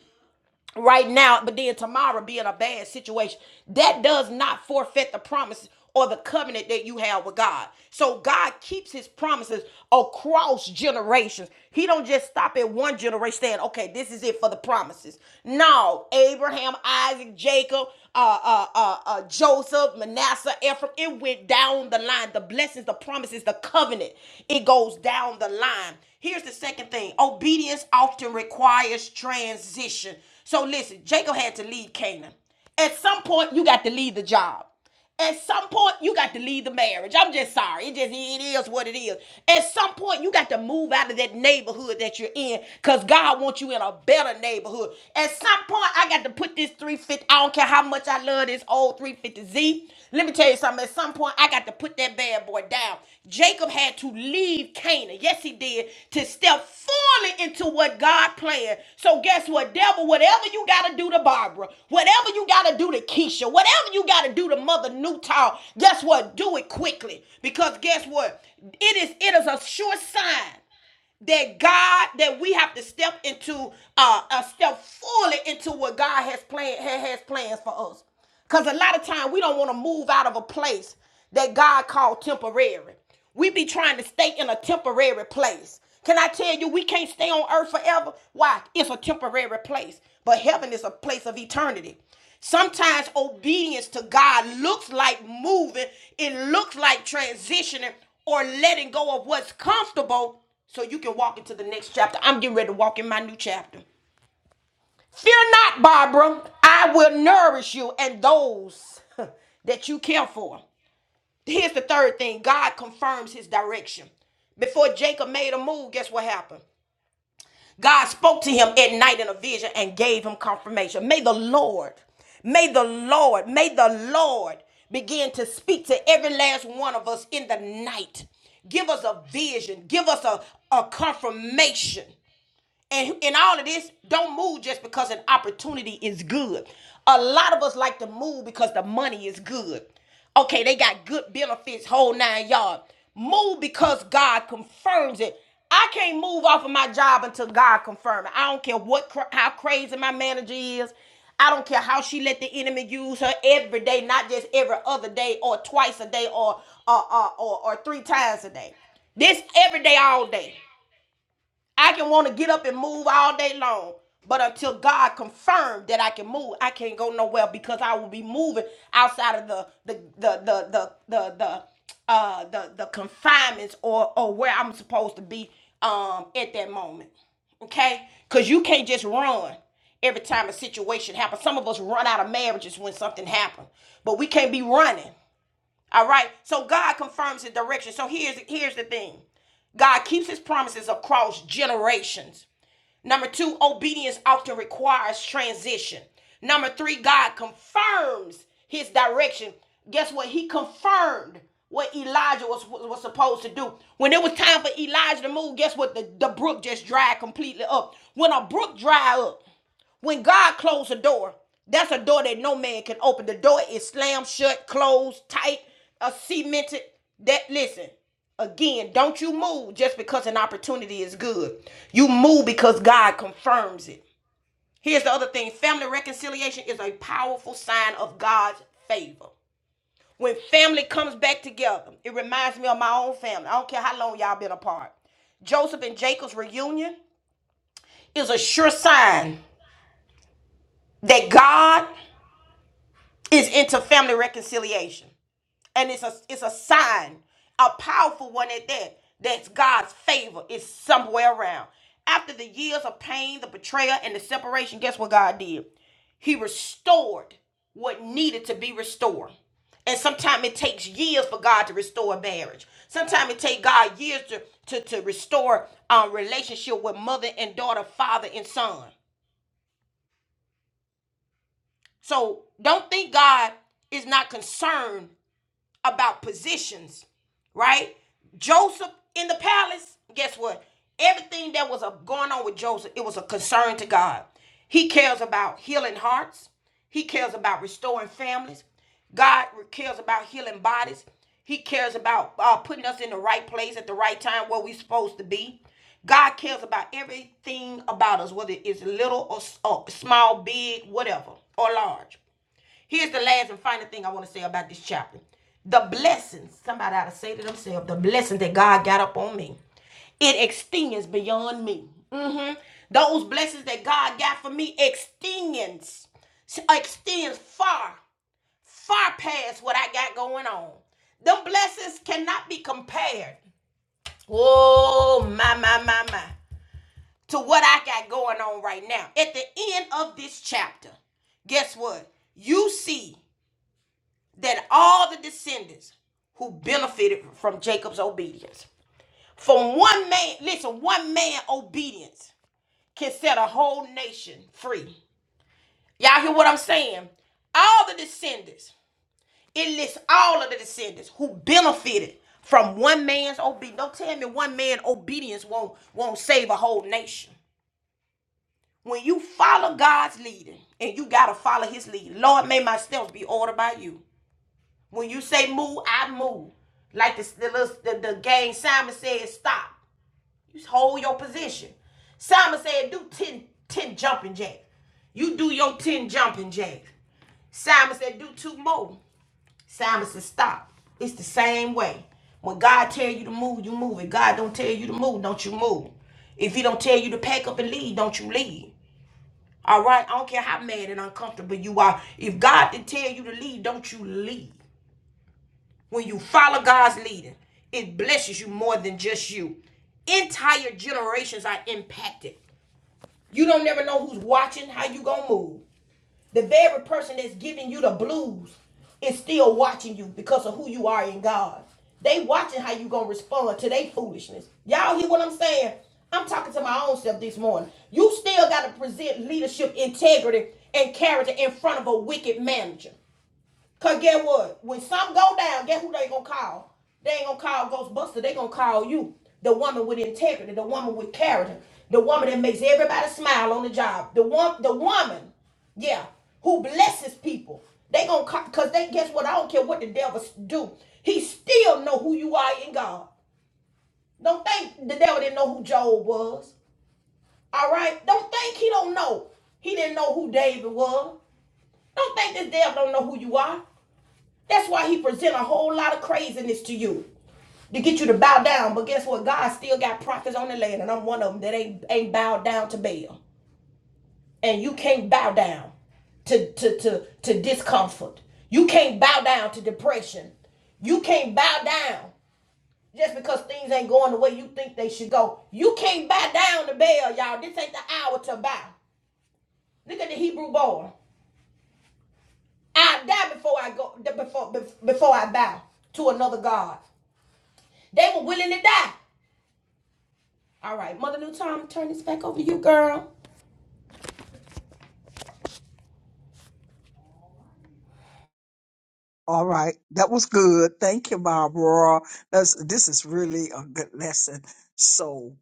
Speaker 1: right now, but then tomorrow be in a bad situation. That does not forfeit the promise or the covenant that you have with God. So God keeps his promises across generations. He don't just stop at one generation saying, okay, this is it for the promises. No, Abraham, Isaac, Jacob, uh, uh, uh, uh, Joseph, Manasseh, Ephraim, it went down the line. The blessings, the promises, the covenant, it goes down the line. Here's the second thing obedience often requires transition. So listen, Jacob had to leave Canaan. At some point, you got to leave the job. At some point, you got to leave the marriage. I'm just sorry. It just it is what it is. At some point, you got to move out of that neighborhood that you're in, cause God wants you in a better neighborhood. At some point, I got to put this 350. I don't care how much I love this old 350Z. Let me tell you something. At some point, I got to put that bad boy down. Jacob had to leave Canaan. Yes, he did. To step fully into what God planned. So guess what, devil? Whatever you got to do to Barbara, whatever you got to do to Keisha, whatever you got to do to Mother Newtown, guess what? Do it quickly. Because guess what? It is it is a sure sign that God that we have to step into uh, uh step fully into what God has planned has plans for us. Cause a lot of time we don't want to move out of a place that God called temporary. We be trying to stay in a temporary place. Can I tell you we can't stay on earth forever? Why? It's a temporary place. But heaven is a place of eternity. Sometimes obedience to God looks like moving, it looks like transitioning or letting go of what's comfortable so you can walk into the next chapter. I'm getting ready to walk in my new chapter. Fear not, Barbara. I will nourish you and those that you care for. Here's the third thing God confirms his direction. Before Jacob made a move, guess what happened? God spoke to him at night in a vision and gave him confirmation. May the Lord, may the Lord, may the Lord begin to speak to every last one of us in the night. Give us a vision, give us a, a confirmation and in all of this, don't move just because an opportunity is good. A lot of us like to move because the money is good. Okay, they got good benefits, whole nine yard. Move because God confirms it. I can't move off of my job until God confirms it. I don't care what cra- how crazy my manager is. I don't care how she let the enemy use her every day, not just every other day or twice a day or or or, or, or three times a day. This every day, all day. I can want to get up and move all day long. But until God confirmed that I can move, I can't go nowhere because I will be moving outside of the the the the the the, the uh the the confinements or or where I'm supposed to be um at that moment. Okay? Cause you can't just run every time a situation happens. Some of us run out of marriages when something happens, but we can't be running. All right. So God confirms the direction. So here's here's the thing. God keeps his promises across generations. Number two, obedience often requires transition. Number three, God confirms his direction. Guess what? He confirmed what Elijah was, was supposed to do. When it was time for Elijah to move, guess what? The, the brook just dried completely up. When a brook dry up, when God closed a door, that's a door that no man can open. The door is slammed shut, closed, tight, uh, cemented. That listen, again, don't you move just because an opportunity is good. You move because God confirms it. Here's the other thing: family reconciliation is a powerful sign of God's favor. When family comes back together, it reminds me of my own family. I don't care how long y'all been apart. Joseph and Jacob's reunion is a sure sign that God is into family reconciliation. And it's a it's a sign, a powerful one at that, that's God's favor is somewhere around. After the years of pain, the betrayal, and the separation, guess what God did? He restored what needed to be restored. And sometimes it takes years for God to restore a marriage. Sometimes it takes God years to, to, to restore um, relationship with mother and daughter, father and son. So don't think God is not concerned about positions, right? Joseph in the palace, guess what? Everything that was uh, going on with Joseph, it was a concern to God. He cares about healing hearts. He cares about restoring families. God cares about healing bodies. He cares about uh, putting us in the right place at the right time where we're supposed to be. God cares about everything about us, whether it's little or, or small, big, whatever, or large. Here's the last and final thing I want to say about this chapter. The blessings, somebody ought to say to themselves, the blessings that God got up on me, it extends beyond me. hmm Those blessings that God got for me extends, extends far, far past what I got going on. Them blessings cannot be compared. Oh, my, my, my, my. To what I got going on right now. At the end of this chapter, guess what? You see that all the descendants who benefited from Jacob's obedience. From one man, listen, one man obedience can set a whole nation free. Y'all hear what I'm saying? All the descendants, it lists all of the descendants who benefited from one man's obedience. Don't tell me one man obedience won't won't save a whole nation. When you follow God's leading, and you gotta follow his lead, Lord, may my steps be ordered by you. When you say move, I move. Like the the, little, the, the game Simon said, stop. You hold your position. Simon said, do 10 10 jumping jacks. You do your 10 jumping jacks. Simon said, do two more. Simon said, stop. It's the same way. When God tell you to move, you move. If God don't tell you to move, don't you move. If he don't tell you to pack up and leave, don't you leave. All right? I don't care how mad and uncomfortable you are. If God didn't tell you to leave, don't you leave. When you follow God's leading, it blesses you more than just you. Entire generations are impacted. You don't never know who's watching how you gonna move. The very person that's giving you the blues is still watching you because of who you are in God. They watching how you gonna respond to their foolishness. Y'all hear what I'm saying? I'm talking to my own self this morning. You still gotta present leadership integrity and character in front of a wicked manager. Cause get what? When some go down, get who they gonna call? They ain't gonna call Ghostbuster. They gonna call you, the woman with integrity, the woman with character, the woman that makes everybody smile on the job, the one, the woman, yeah, who blesses people. They gonna call, cause they guess what? I don't care what the devil do. He still know who you are in God. Don't think the devil didn't know who Job was. All right. Don't think he don't know. He didn't know who David was. Don't think this devil don't know who you are. That's why he present a whole lot of craziness to you to get you to bow down. But guess what? God still got prophets on the land, and I'm one of them that ain't ain't bowed down to Baal. And you can't bow down to to to to discomfort. You can't bow down to depression. You can't bow down just because things ain't going the way you think they should go. You can't bow down to Baal, y'all. This ain't the hour to bow. Look at the Hebrew boy. I die before I go before before I bow to another god. They were willing to die. All right, Mother New Time, turn this back over to you, girl.
Speaker 3: All right. That was good. Thank you, Barbara. That's, this is really a good lesson. So,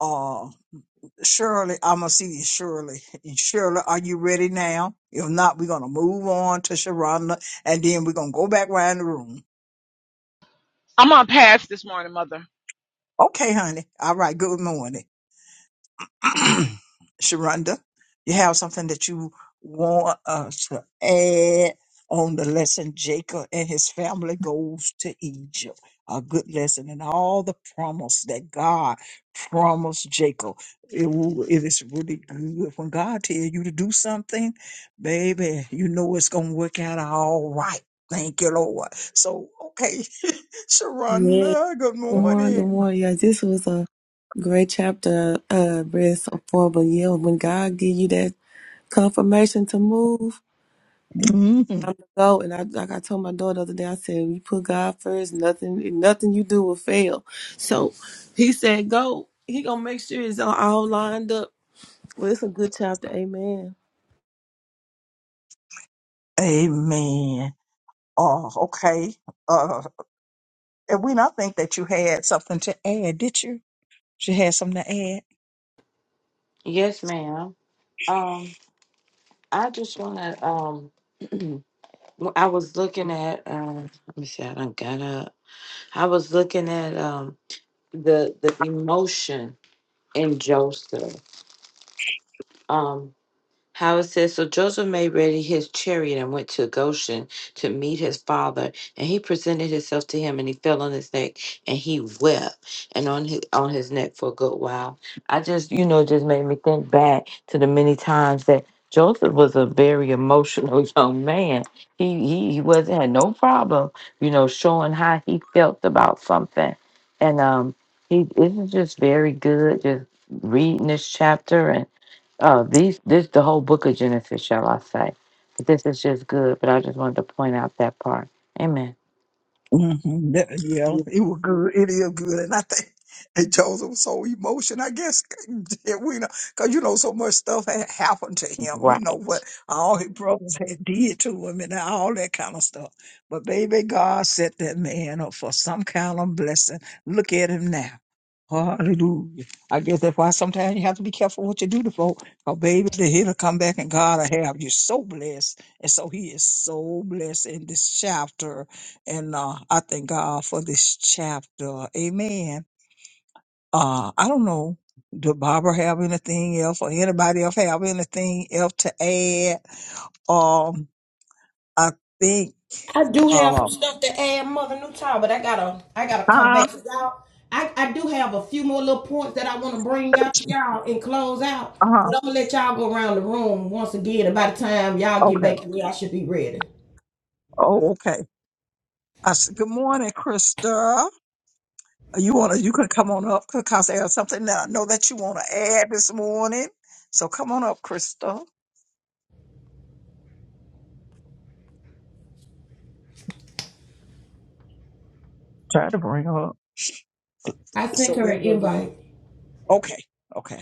Speaker 3: uh, Shirley, I'm gonna see you, Shirley. And Shirley, are you ready now? If not, we're gonna move on to Sharonda, and then we're gonna go back around the room.
Speaker 4: I'm on pass this morning, mother.
Speaker 3: Okay, honey. All right. Good morning. Sharonda, you have something that you want us to add on the lesson Jacob and his family goes to Egypt. A good lesson and all the promise that God promised Jacob. It, wo- it is really good when God tell you to do something, baby. You know it's gonna work out all right. Thank you, Lord. So, okay,
Speaker 6: Yes.
Speaker 3: Sharonda. Good
Speaker 6: Good morning. Good
Speaker 3: morning.
Speaker 6: morning. Yeah, this was a great chapter, uh, verse four. But yeah, when God give you that confirmation to move,
Speaker 3: Mhm.
Speaker 6: I'm to go. And I, like I told my daughter the other day, I said, "We put God first. Nothing, nothing you do will fail." So He said, "Go." He gonna make sure it's all all lined up. Well, it's a good chapter. Amen.
Speaker 3: Amen. Oh, okay. Uh, and when I think that you had something to add, did you? She had something to add.
Speaker 2: Yes, ma'am. Um, I just want to. Um, I was looking at. Um, let me see. I done got up. I was looking at. Um, the the emotion in Joseph. Um, how it says, so Joseph made ready his chariot and went to Goshen to meet his father, and he presented himself to him, and he fell on his neck, and he wept, and on his on his neck for a good while. I just, you know, just made me think back to the many times that Joseph was a very emotional young man. He he, he wasn't had no problem, you know, showing how he felt about something, and um, he this is just very good. Just reading this chapter and. Oh, these this the whole book of Genesis, shall I say? But this is just good. But I just wanted to point out that part. Amen.
Speaker 3: mm hmm yeah, it was good. It is good, and I think and Joseph was so emotional. I guess that we know because you know so much stuff had happened to him. You
Speaker 2: Right.
Speaker 3: know what all his brothers had did to him and all that kind of stuff. But baby, God set that man up for some kind of blessing. Look at him now. Hallelujah. I guess that's why sometimes you have to be careful what you do to folk. Cause baby, the he'll come back and God will have you so blessed. And so he is so blessed in this chapter and uh, I thank God for this chapter. Amen. Uh, I don't know. Do Barbara have anything else or anybody else have anything else to add? Um, I think,
Speaker 1: I do have
Speaker 3: uh,
Speaker 1: some stuff to add, Mother New Time, but I gotta, I gotta come
Speaker 3: uh,
Speaker 1: back to y'all. I, I do have a few more little points that I want to bring out to y'all and close out,
Speaker 3: uh,
Speaker 1: but I'm gonna let y'all go around the room once again. And by the time y'all get back,
Speaker 3: okay.
Speaker 1: to me, I should be ready.
Speaker 3: Oh, okay. I said, good morning, Krista. You want to, you could come on up because there's something that I know that you want to add this morning. So come on up, Krista. Try to bring her up.
Speaker 1: I sent
Speaker 3: So
Speaker 1: her an
Speaker 3: it was,
Speaker 1: invite.
Speaker 3: okay. Okay.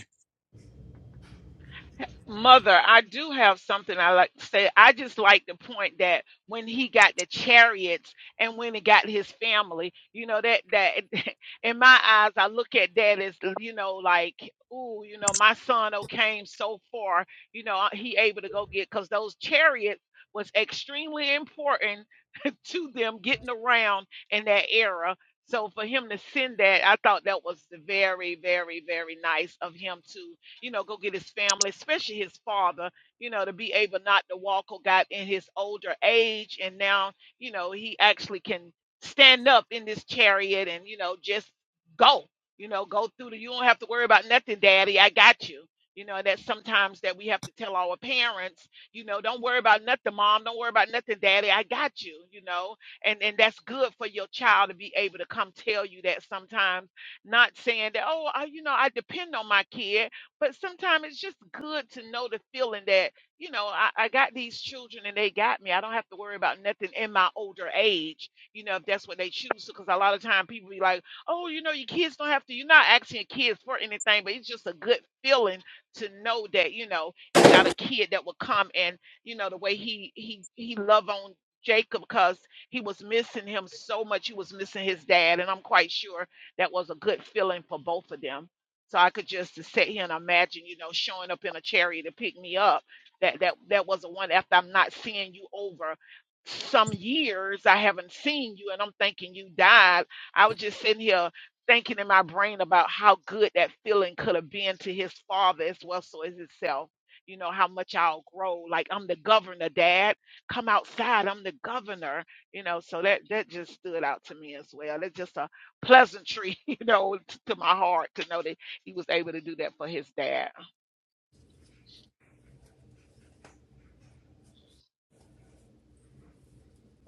Speaker 4: Mother, I do have something I like to say. I just like to point that when he got the chariots and when he got his family, you know, that that in my eyes, I look at that as you know, like, ooh, you know, my son oh came so far, you know, he able to go get because those chariots was extremely important to them getting around in that era. So for him to send that, I thought that was very, very, very nice of him to you know, go get his family, especially his father, you know, to be able not to walk or got in his older age. And now, you know, he actually can stand up in this chariot and, you know, just go, you know, go through the, you don't have to worry about nothing, daddy. I got you. You know, that sometimes that we have to tell our parents, you know, don't worry about nothing, mom. Don't worry about nothing, daddy. I got you, you know, and, and that's good for your child to be able to come tell you that sometimes not saying that, oh, I, you know, I depend on my kid but sometimes it's just good to know the feeling that, you know, I, I got these children and they got me. I don't have to worry about nothing in my older age, you know, if that's what they choose Because a lot of time people be like, oh, you know, your kids don't have to, you're not asking your kids for anything, but it's just a good feeling to know that, you know, you got a kid that will come and, you know, the way he, he, he love on Jacob because he was missing him so much. He was missing his dad. And I'm quite sure that was a good feeling for both of them so I could just to sit here and imagine, you know, showing up in a chariot to pick me up. That that that was the one after I'm not seeing you over some years. I haven't seen you and I'm thinking you died. I was just sitting here thinking in my brain about how good that feeling could have been to his father as well so as itself. You know, how much I'll grow. Like I'm the governor, Dad. Come outside. I'm the governor. You know, so that that just stood out to me as well. It's just a pleasantry, you know, t- to my heart to know that he was able to do that for his dad.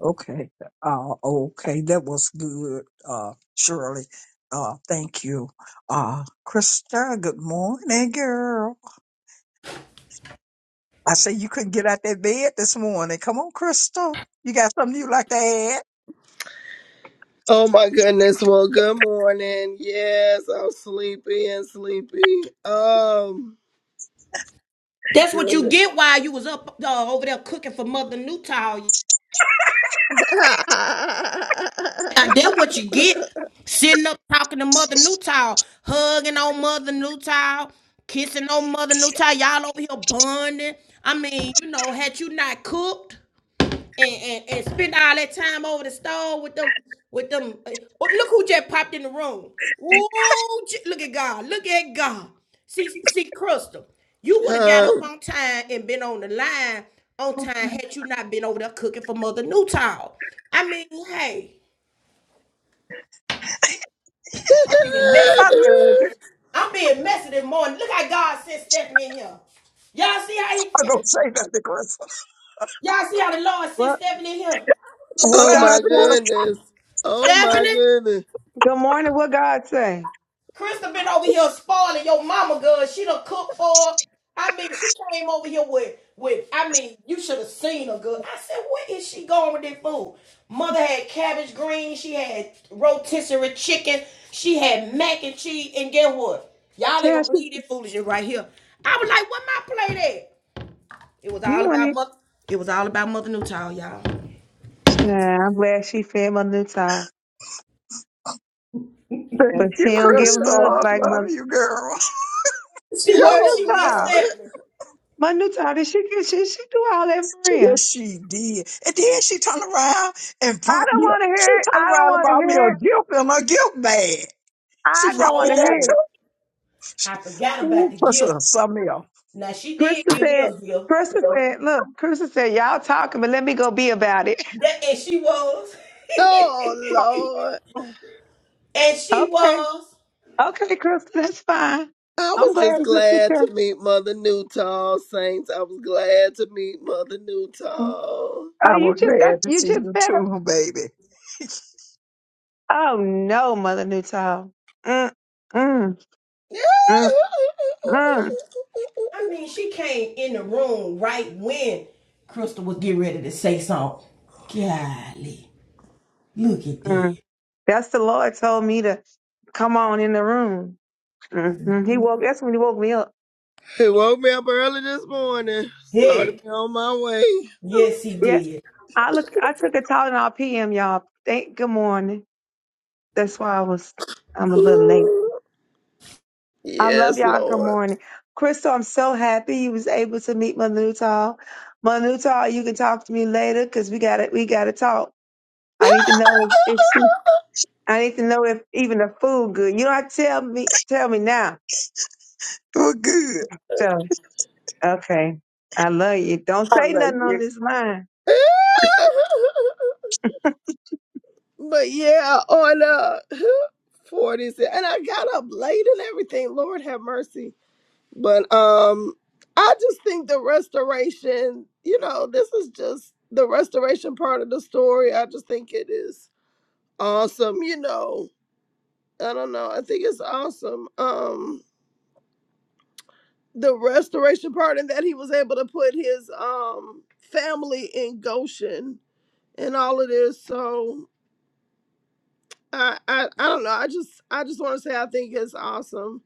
Speaker 3: Okay. Uh, okay. That was good, uh, Shirley. Uh, thank you. Uh, Krista, good morning, girl. I say you couldn't get out that bed this morning. Come on, Crystal. You got something you like to add?
Speaker 7: Oh my goodness. Well, good morning. Yes, I'm sleepy and sleepy. Um,
Speaker 1: That's what you
Speaker 7: goodness.
Speaker 1: get while you was up uh, over there cooking for Mother Newtown. Uh, that what you get. Sitting up talking to Mother Newtown, hugging on Mother Newtown, kissing on Mother Newtown. Y'all over here bonding. I mean, you know, had you not cooked and, and, and spent all that time over the stove with them, with them. uh, oh, look who just popped in the room. Ooh, j- look at God. Look at God. See, see, Crystal, you would have got
Speaker 7: Um,
Speaker 1: up on time and been on the line on time had you not been over there cooking for Mother Newtown. I mean, hey. I'm being messy.
Speaker 3: I love it.
Speaker 1: I'm being messy this morning. Look how God sent Stephanie in here. Y'all see how he,
Speaker 3: I
Speaker 1: y-
Speaker 3: don't say nothing, Crystal.
Speaker 1: y'all see how the Lord sent
Speaker 8: What
Speaker 1: Stephanie in here?
Speaker 3: Don't
Speaker 8: what
Speaker 7: oh
Speaker 3: say
Speaker 8: God
Speaker 7: my
Speaker 3: nothing,
Speaker 8: say?
Speaker 3: Crystal.
Speaker 7: goodness. Oh my
Speaker 1: Stephanie?
Speaker 7: goodness.
Speaker 8: Good morning. What God say?
Speaker 1: Krista been over here spoiling your mama good. She done cooked for her. I mean, she came over here with, with I mean, you should have seen her good. I said, where is she going with this food? Mother had cabbage greens. She had rotisserie chicken. She had mac and cheese. And guess what? Y'all ain't gonna
Speaker 8: Child, she,
Speaker 1: believe this foolishness right here. I was like, where my plate at? It was
Speaker 8: you
Speaker 1: all
Speaker 8: want
Speaker 1: about
Speaker 8: it?
Speaker 1: mother. It was all about Mother Newtown, y'all.
Speaker 8: Child, I'm glad she fed my new child, but
Speaker 3: Thank you,
Speaker 8: she don't give
Speaker 3: Crystal.
Speaker 8: hugs
Speaker 3: I
Speaker 8: like
Speaker 3: love
Speaker 8: my
Speaker 3: you, girl.
Speaker 1: She
Speaker 8: my
Speaker 1: was.
Speaker 8: new
Speaker 1: She
Speaker 7: Oh
Speaker 1: was
Speaker 8: child.
Speaker 7: Lord.
Speaker 1: Stephanie.
Speaker 8: My new child, did she get? She she do all that for real.
Speaker 3: Yes, she did. And then she turned around and
Speaker 8: I
Speaker 3: brought
Speaker 8: don't
Speaker 3: me a,
Speaker 8: want to
Speaker 3: she
Speaker 8: hear it.
Speaker 3: turned
Speaker 8: I don't
Speaker 3: around and
Speaker 8: want to
Speaker 3: brought me a
Speaker 8: hear it.
Speaker 3: gift in a gift bag. She
Speaker 8: I don't
Speaker 3: brought me
Speaker 8: want to
Speaker 3: that
Speaker 8: hear
Speaker 1: Oh,
Speaker 8: it.
Speaker 3: too.
Speaker 1: I forgot about
Speaker 3: Ooh,
Speaker 1: the
Speaker 3: Priscilla
Speaker 1: gift.
Speaker 3: Samir,
Speaker 1: Now she did
Speaker 8: Krista
Speaker 1: give me
Speaker 8: said.
Speaker 1: a gift.
Speaker 8: Krista said, "Look, Krista said y'all talking, but let me go be about it."
Speaker 1: That and she was.
Speaker 7: Oh Lord.
Speaker 1: and she
Speaker 8: okay,
Speaker 1: was.
Speaker 8: okay, Krista, that's fine.
Speaker 7: I
Speaker 8: I'm
Speaker 7: was
Speaker 8: glad
Speaker 7: just
Speaker 8: you took
Speaker 7: glad
Speaker 8: care.
Speaker 7: to meet Mother Newtall, Saints. I was glad to meet Mother
Speaker 8: Oh,
Speaker 7: Newtall.
Speaker 3: I
Speaker 8: you
Speaker 3: was
Speaker 8: just that's
Speaker 3: glad to
Speaker 8: you
Speaker 3: see
Speaker 8: just
Speaker 3: you
Speaker 8: better.
Speaker 3: too, baby.
Speaker 8: Oh no, Mother Newtile. Mm, mm, mm, mm,
Speaker 1: I mean, she came in the room right when Crystal was getting ready to say something. Golly, look at
Speaker 8: mm.
Speaker 1: that.
Speaker 8: That's the Lord told me to come on in the room. hmm He woke. That's when he woke me up.
Speaker 7: He woke me up early this morning. Started
Speaker 1: Hey,
Speaker 7: me on my way.
Speaker 1: yes, he
Speaker 8: Yeah,
Speaker 1: did.
Speaker 8: I look. I took a Tylenol PM, y'all. Thank. Good morning. That's why I was. I'm a little late.
Speaker 7: Ooh,
Speaker 8: I love
Speaker 7: Yes,
Speaker 8: y'all. Good
Speaker 7: Lord.
Speaker 8: morning, Crystal. I'm so happy you was able to meet Mother Newtile. Mother Newtile, you can talk to me later because we got to We got to talk. I need to know if, if she I need to know if even the food good. You don't have to tell me tell me now.
Speaker 3: You're good.
Speaker 8: So okay. I love you. Don't
Speaker 3: I
Speaker 8: say
Speaker 3: love
Speaker 8: nothing on
Speaker 3: you.
Speaker 8: this line.
Speaker 7: but yeah, on uh forty six and I got up late and everything. Lord have mercy. But um I just think the restoration, you know, this is just the restoration part of the story. I just think it is awesome, you know. I don't know. I think it's awesome. Um the restoration part and that he was able to put his um family in Goshen and all of this. So I I, I don't know. I just I just want to say I think it's awesome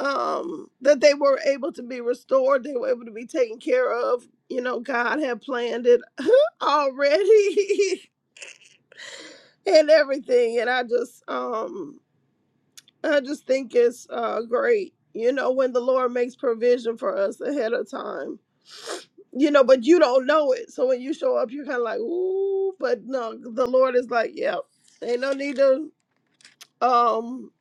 Speaker 7: um that they were able to be restored. They were able to be taken care of. You know, God had planned it already and everything. And I just um I just think it's uh, great, you know, when the Lord makes provision for us ahead of time, you know, but you don't know it. So when you show up, you're kind of like, ooh, but no, the Lord is like, yep, ain't no need to um,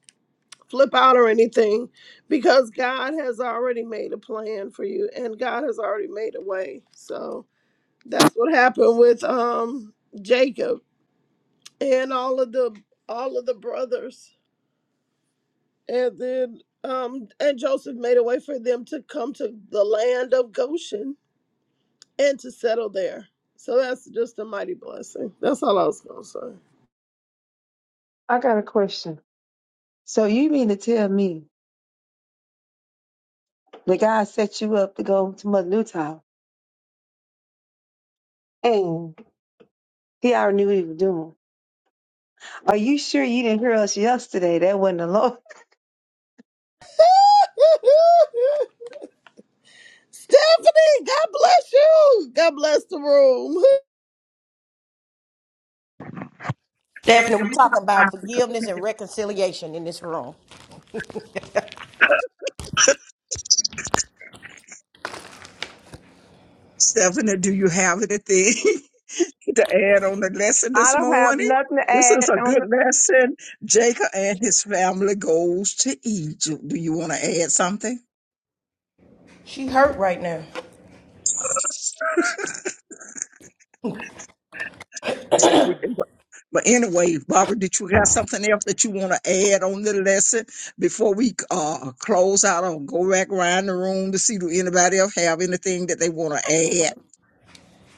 Speaker 7: flip out or anything because God has already made a plan for you and God has already made a way. So that's what happened with um, Jacob and all of the all of the brothers And then um and Joseph made a way for them to come to the land of Goshen and to settle there. So that's just a mighty blessing. That's all I was gonna say.
Speaker 8: I got a question. So you mean to tell me the guy set you up to go to Mother Newtown and he already knew what he was doing. Are you sure you didn't hear us yesterday? That wasn't the Lord.
Speaker 7: Stephanie, God bless you. God bless the room.
Speaker 1: Stephanie, we talking about forgiveness and reconciliation in this room.
Speaker 3: Stephanie, do you have anything to add on the lesson
Speaker 8: I
Speaker 3: this
Speaker 8: don't have
Speaker 3: morning?
Speaker 8: nothing to
Speaker 3: This is
Speaker 8: add
Speaker 3: a
Speaker 8: on
Speaker 3: good
Speaker 8: the-
Speaker 3: lesson. Jacob and his family goes to Egypt. Do you want to add something?
Speaker 1: She hurt right now.
Speaker 3: So, we- but but anyway, Barbara, did you have something else that you want to add on the lesson before we uh, close out or go back around the room to see do anybody else have anything that they want to add?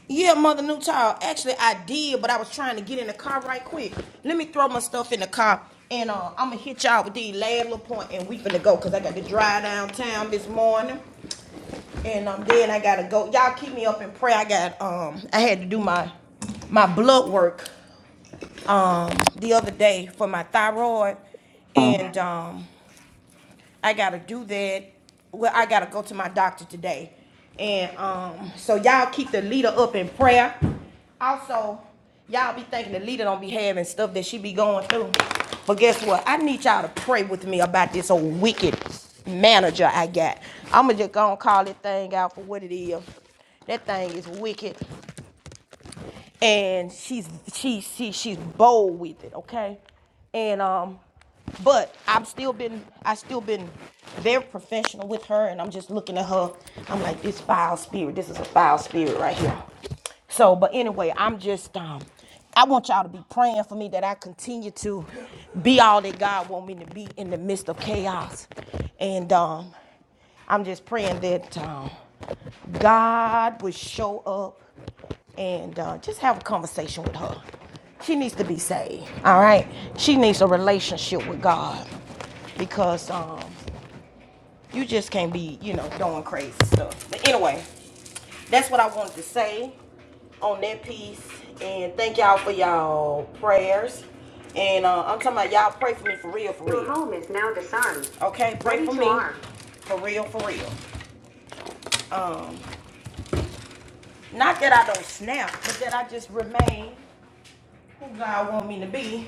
Speaker 1: Yeah, mother, new child. Actually, I did, but I was trying to get in the car right quick. Let me throw my stuff in the car, and uh, I'm gonna hit y'all with these last little point, and we finna go, cause I got to drive downtown this morning, and um, then I gotta go. Y'all keep me up in prayer. I got um, I had to do my my blood work um the other day for my thyroid,
Speaker 3: Um,
Speaker 1: and um, I gotta do that. Well, I gotta go to my doctor today. And um, so y'all keep the leader up in prayer. Also, y'all be thinking the leader don't be having stuff that she be going through. But guess what? I need y'all to pray with me about this old wicked manager I got. I'ma just gonna call that thing out for what it is. That thing is wicked and she's she she she's bold with it, okay? And um, but I've still been I still been very professional with her, and I'm just looking at her. I'm like this foul spirit. This is a foul spirit right here. So, but anyway, I'm just um, I want y'all to be praying for me that I continue to be all that God want me to be in the midst of chaos, and um, I'm just praying that um, God would show up and uh, just have a conversation with her. She needs to be saved, all right? She needs a relationship with God because um, you just can't be, you know, doing crazy stuff. But anyway, that's what I wanted to say on that piece. And thank y'all for y'all prayers. And uh, I'm talking about y'all pray for me for real, for real. Your home is now disarmed. Okay, pray Ready for to me arm. for real, for real. Not that I don't snap, but that I just remain who God want me to be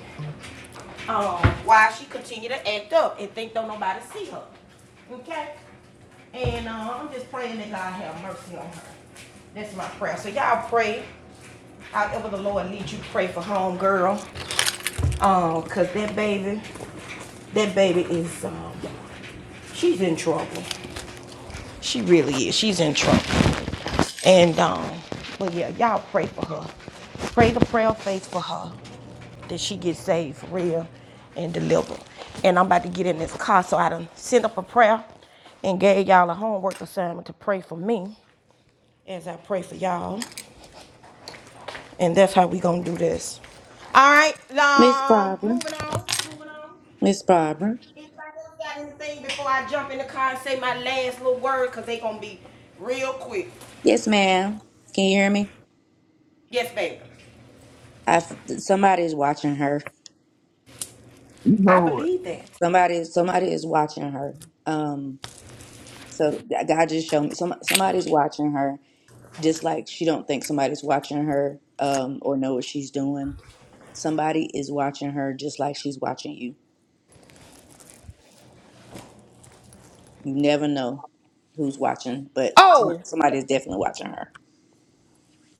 Speaker 1: um, why she continue to act up and think don't nobody see her. Okay? And uh, I'm just praying that God have mercy on her. That's my prayer. So y'all pray. However the Lord leads you, pray for home girl. Um, cause that baby, that baby is um, she's in trouble. She really is. She's in trouble. And um, but yeah, y'all pray for her. Pray the prayer of faith for her that she gets saved for real and delivered. And I'm about to get in this car, so I done sent up a prayer and gave y'all a homework assignment to pray for me as I pray for y'all. And that's how we gonna do this. All right,
Speaker 5: miss
Speaker 1: um,
Speaker 5: barbara
Speaker 1: moving on, moving on.
Speaker 5: miss barbara
Speaker 1: Anybody else got anything before I jump in the car and say my last little word? Cause they gonna be real quick.
Speaker 5: yes ma'am can you hear me
Speaker 1: Yes, baby.
Speaker 5: i somebody is watching her
Speaker 1: I
Speaker 3: no,
Speaker 1: believe that.
Speaker 5: somebody somebody is watching her um so god just showed me some, somebody's watching her just like she don't think somebody's watching her um or know what she's doing Somebody is watching her just like she's watching you. You never know who's watching, but some-
Speaker 1: Oh!
Speaker 5: somebody is definitely watching her.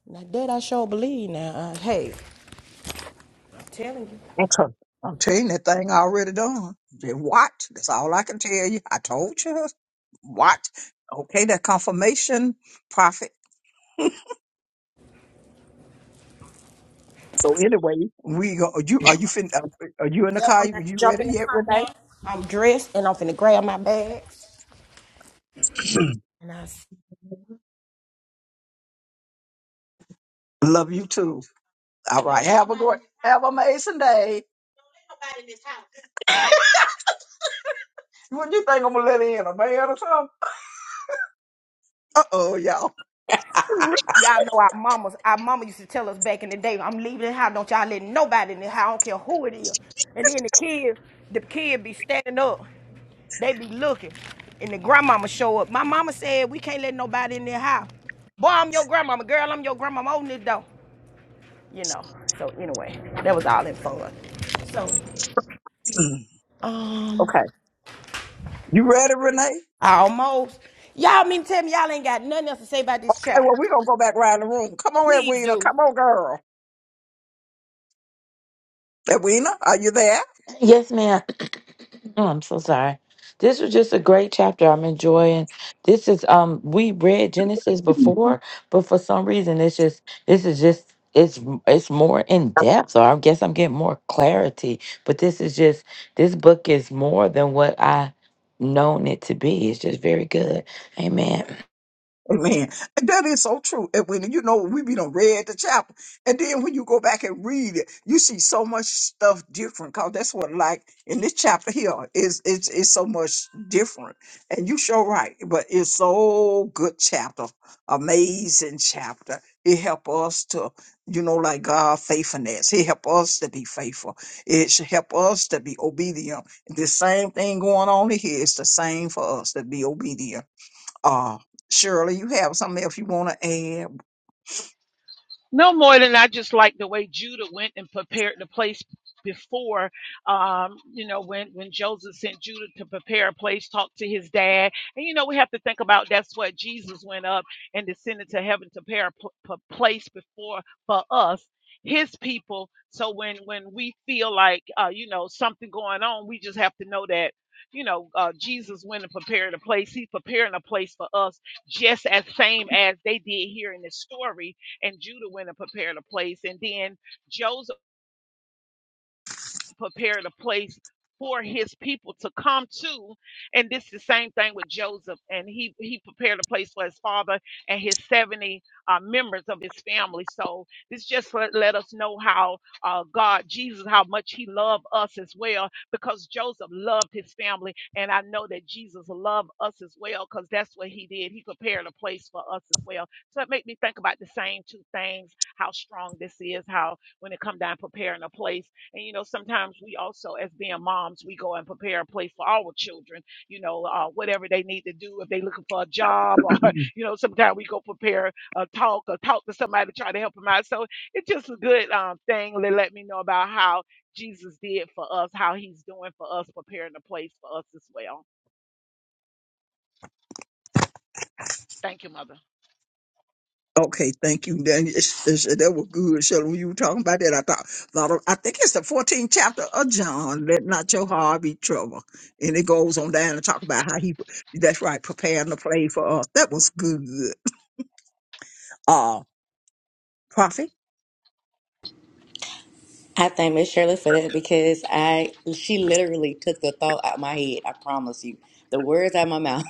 Speaker 1: Now that I sure believe now. Uh, hey, I'm telling you.
Speaker 3: I'm I'm telling you, that thing already done. Just watch. That's all I can tell you. I told you. Watch. Okay, that confirmation prophet. So anyway, we go. Are you are you fin- uh, are you in the
Speaker 1: Yep,
Speaker 3: car?
Speaker 1: I'm
Speaker 3: You,
Speaker 1: about to
Speaker 3: you
Speaker 1: jump
Speaker 3: ready
Speaker 1: in the
Speaker 3: yet,
Speaker 1: car
Speaker 3: Renee?
Speaker 1: now. I'm dressed and I'm finna grab my bags. And I s-
Speaker 3: Love you too. All right. Have a great, have an amazing day. What you think I'm gonna let in a man or something? Uh oh, y'all.
Speaker 1: y'all know our mamas, our mama used to tell us back in the day, I'm leaving the house, don't y'all let nobody in the house, I don't care who it is. And then the kids, the kid be standing up, they be looking, and the grandmama show up. My mama said we can't let nobody in the house. Boy, I'm your grandmama, girl, I'm your grandmama on this door. You know. So anyway, that was all in fun. So um
Speaker 3: okay. You ready, Renee?
Speaker 1: Almost. Y'all mean to tell me y'all ain't got nothing else to say about this
Speaker 3: Okay,
Speaker 1: chapter.
Speaker 3: well, we're gonna go back around the room. Come on,
Speaker 1: Please
Speaker 3: Edwina.
Speaker 1: do.
Speaker 3: Come on, girl. Edwina, are you there?
Speaker 2: Yes, ma'am. Oh, I'm so sorry. This was just a great chapter. I'm enjoying. This is um we read Genesis before, but for some reason it's just this is just it's it's more in depth. So I guess I'm getting more clarity. But this is just this book is more than what I known it to be. It's just very good. Amen.
Speaker 3: Amen. And that is so true. And when you know we be done read the chapter, and then when you go back and read it, you see so much stuff different. Cause that's what like in this chapter here is it's it's so much different. And you show right, but it's so good chapter, amazing chapter. It help us to you know like God faithfulness. It help us to be faithful. It should help us to be obedient. The same thing going on in here. It's the same for us to be obedient uh, Shirley, you have something else you want to add?
Speaker 4: No more than I just like the way Judah went and prepared the place before, um, you know, when, when Joseph sent Judah to prepare a place, talk to his dad. And, you know, we have to think about that's what Jesus went up and descended to heaven to prepare a pl- p- place before for us, his people. So when, when we feel like, uh, you know, something going on, we just have to know that, you know, uh, Jesus went and prepared a place. He's preparing a place for us just as same as they did here in this story and Judah went and prepared a place. And then Joseph prepared a place for his people to come to. And this is the same thing with Joseph. And he he prepared a place for his father and his 70 uh, members of his family. So this just let, let us know how uh, God, Jesus, how much he loved us as well, because Joseph loved his family. And I know that Jesus loved us as well, because that's what he did. He prepared a place for us as well. So it made me think about the same two things, how strong this is, how when it come down preparing a place and you know, sometimes we also, as being moms, we go and prepare a place for our children. You know, uh, whatever they need to do if they looking for a job, or you know, sometimes we go prepare a talk or talk to somebody to try to help them out. So it's just a good um, thing to let me know about how Jesus did for us, how He's doing for us, preparing a place for us as well. Thank you, Mother.
Speaker 3: Okay, thank you. That, is- is- that was good, Shirley. When you were talking about that, I thought, thought of, I think it's the 14th chapter of John. Let not your heart be troubled. And it goes on down to talk about how he, that's right, preparing the play for us. That was good. Uh, prophet.
Speaker 5: I thank Miss Shirley for that because I she literally took the thought out of my head. I promise you, the words out of my mouth.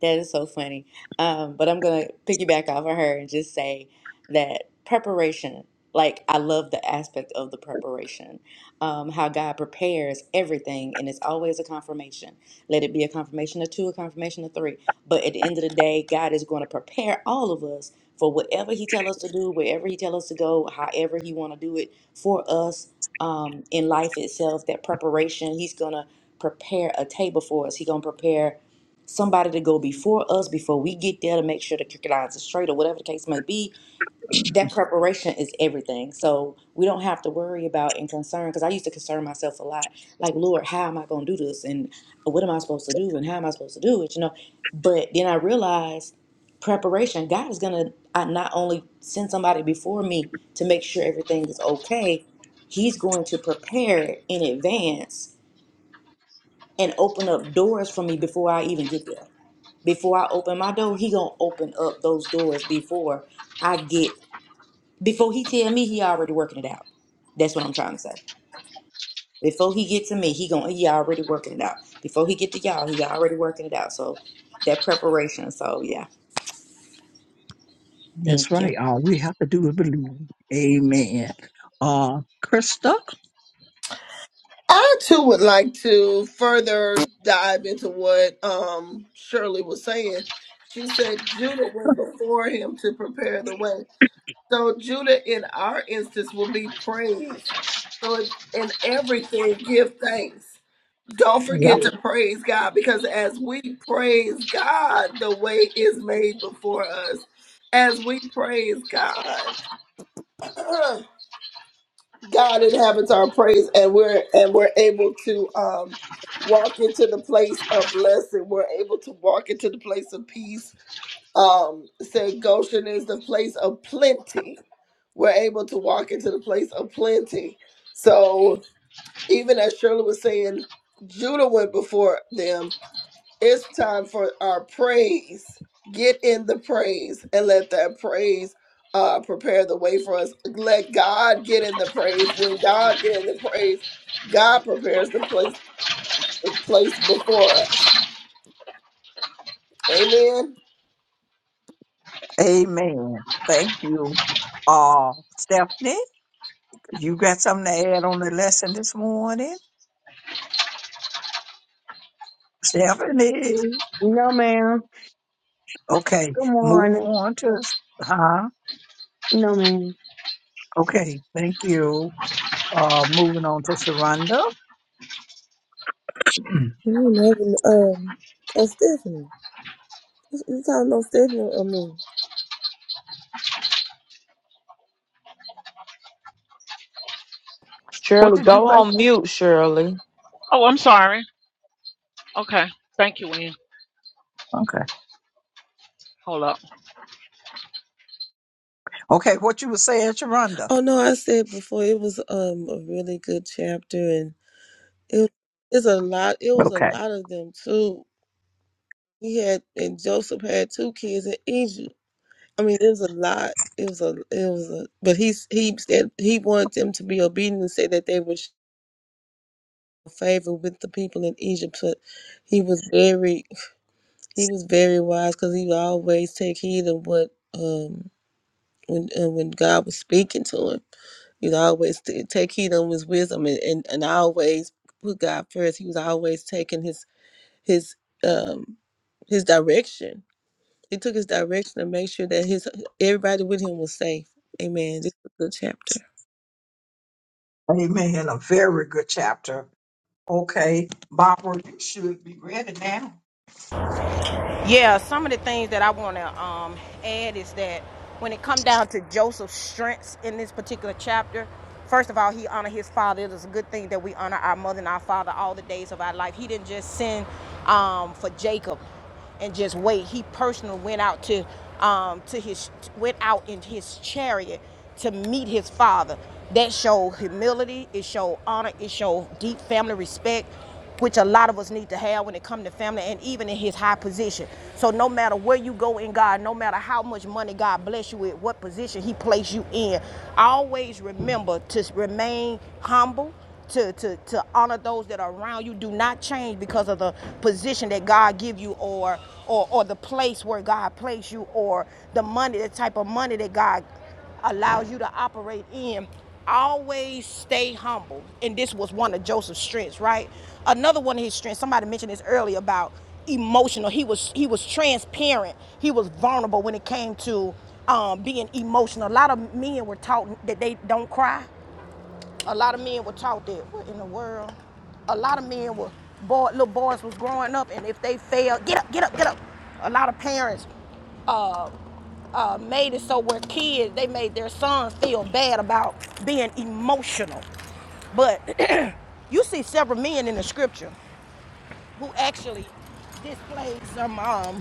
Speaker 5: That is so funny. Um, but I'm gonna piggyback off of her and just say that preparation, like I love the aspect of the preparation, um, how God prepares everything, and it's always a confirmation. Let it be a confirmation of two, a confirmation of three. But at the end of the day, God is going to prepare all of us for whatever He tell us to do, wherever He tell us to go, however He want to do it for us um, in life itself. That preparation, He's gonna prepare a table for us. He gonna prepare somebody to go before us before we get there to make sure the crooked lines are straight or whatever the case may be. That preparation is everything. So we don't have to worry about and concern because I used to concern myself a lot. Like, Lord, how am I going to do this? And what am I supposed to do? And how am I supposed to do it? You know, but then I realized preparation, God is going to not only send somebody before me to make sure everything is okay, He's going to prepare it in advance and open up doors for me before I even get there before I open my door, he gonna open up those doors before I get before he tell me he already working it out. That's what I'm trying to say. Before he get to me, he gonna he already working it out. Before he get to y'all, he already working it out. So that preparation. So yeah,
Speaker 3: That's
Speaker 5: thank you.
Speaker 3: right. All we have to do is believe. Amen. Uh, Krista.
Speaker 7: I too would like to further dive into what um Shirley was saying. She said Judah went before him to prepare the way. So Judah in our instance will be praised. So in everything, give thanks. Don't
Speaker 3: Yep.
Speaker 7: forget to praise God because as we praise God, the way is made before us. As we praise God, God inhabits our praise, and we're and we're able to um, walk into the place of blessing. We're able to walk into the place of peace um said Goshen is the place of plenty. We're able to walk into the place of plenty. So even as Shirley was saying, Judah went before them. It's time for our praise. Get in the praise and let that praise uh, prepare the way for us. Let God get in the praise. When God get in the praise, God prepares the place the place before us. Amen.
Speaker 3: Amen. Thank you. Uh, Stephanie. You got something to add on the lesson this morning? Stephanie.
Speaker 8: no ma'am.
Speaker 3: Okay,
Speaker 8: Good
Speaker 3: move
Speaker 8: morning.
Speaker 3: on to, huh?
Speaker 8: No ma'am.
Speaker 3: Okay, thank you. Uh, moving on to Sharonda.
Speaker 6: You never, um, oh, Stephanie. You talking about Stephanie or me?
Speaker 3: What
Speaker 2: Shirley,
Speaker 3: did you
Speaker 2: go
Speaker 3: say?
Speaker 2: on mute, Shirley.
Speaker 4: Oh, I'm sorry. Okay, thank you, Wynn.
Speaker 3: Okay.
Speaker 4: Hold up.
Speaker 3: Okay, what you were saying, Sharonda.
Speaker 6: Oh no, I said before it was um a really good chapter, It it's a lot. It was a
Speaker 3: Okay.
Speaker 6: lot of them too. He had and Joseph had two kids in Egypt. I mean, it was a lot. It was a it was a. But he he said he wanted them to be obedient and said that they would show favor with the people in Egypt. But he was very he was very wise because he would always take heed of what um when uh, when God was speaking to him. He'd always t- take heed of his wisdom and, and, and always put God first. He was always taking his his um his direction. He took his direction to make sure that his everybody with him was safe. Amen. This is a good chapter.
Speaker 3: Amen. A very good chapter. Okay, Barbara, you should be ready now.
Speaker 1: Yeah, some of the things that I want to um, add is that when it come down to Joseph's strengths in this particular chapter, first of all, he honored his father. It is a good thing that we honor our mother and our father all the days of our life. He didn't just send um, for Jacob and just wait. He personally went out to um, to his went out in his chariot to meet his father. That showed humility. It showed honor. It showed deep family respect which a lot of us need to have when it comes to family and even in his high position. So no matter where you go in God, no matter how much money God bless you with, what position he placed you in, always remember to remain humble, to, to, to honor those that are around you. Do not change because of the position that God give you or or or the place where God placed you or the money, the type of money that God allows you to operate in. Always stay humble. And this was one of Joseph's strengths, right? Another one of his strengths, somebody mentioned this earlier about emotional. He was he was transparent. He was vulnerable when it came to um, being emotional. A lot of men were taught that they don't cry. A lot of men were taught that. What in the world? A lot of men were boy, little boys was growing up, and if they failed, get up, get up, get up. A lot of parents uh, uh, made it so where kids they made their sons feel bad about being emotional. But you see several men in the scripture who actually displayed some um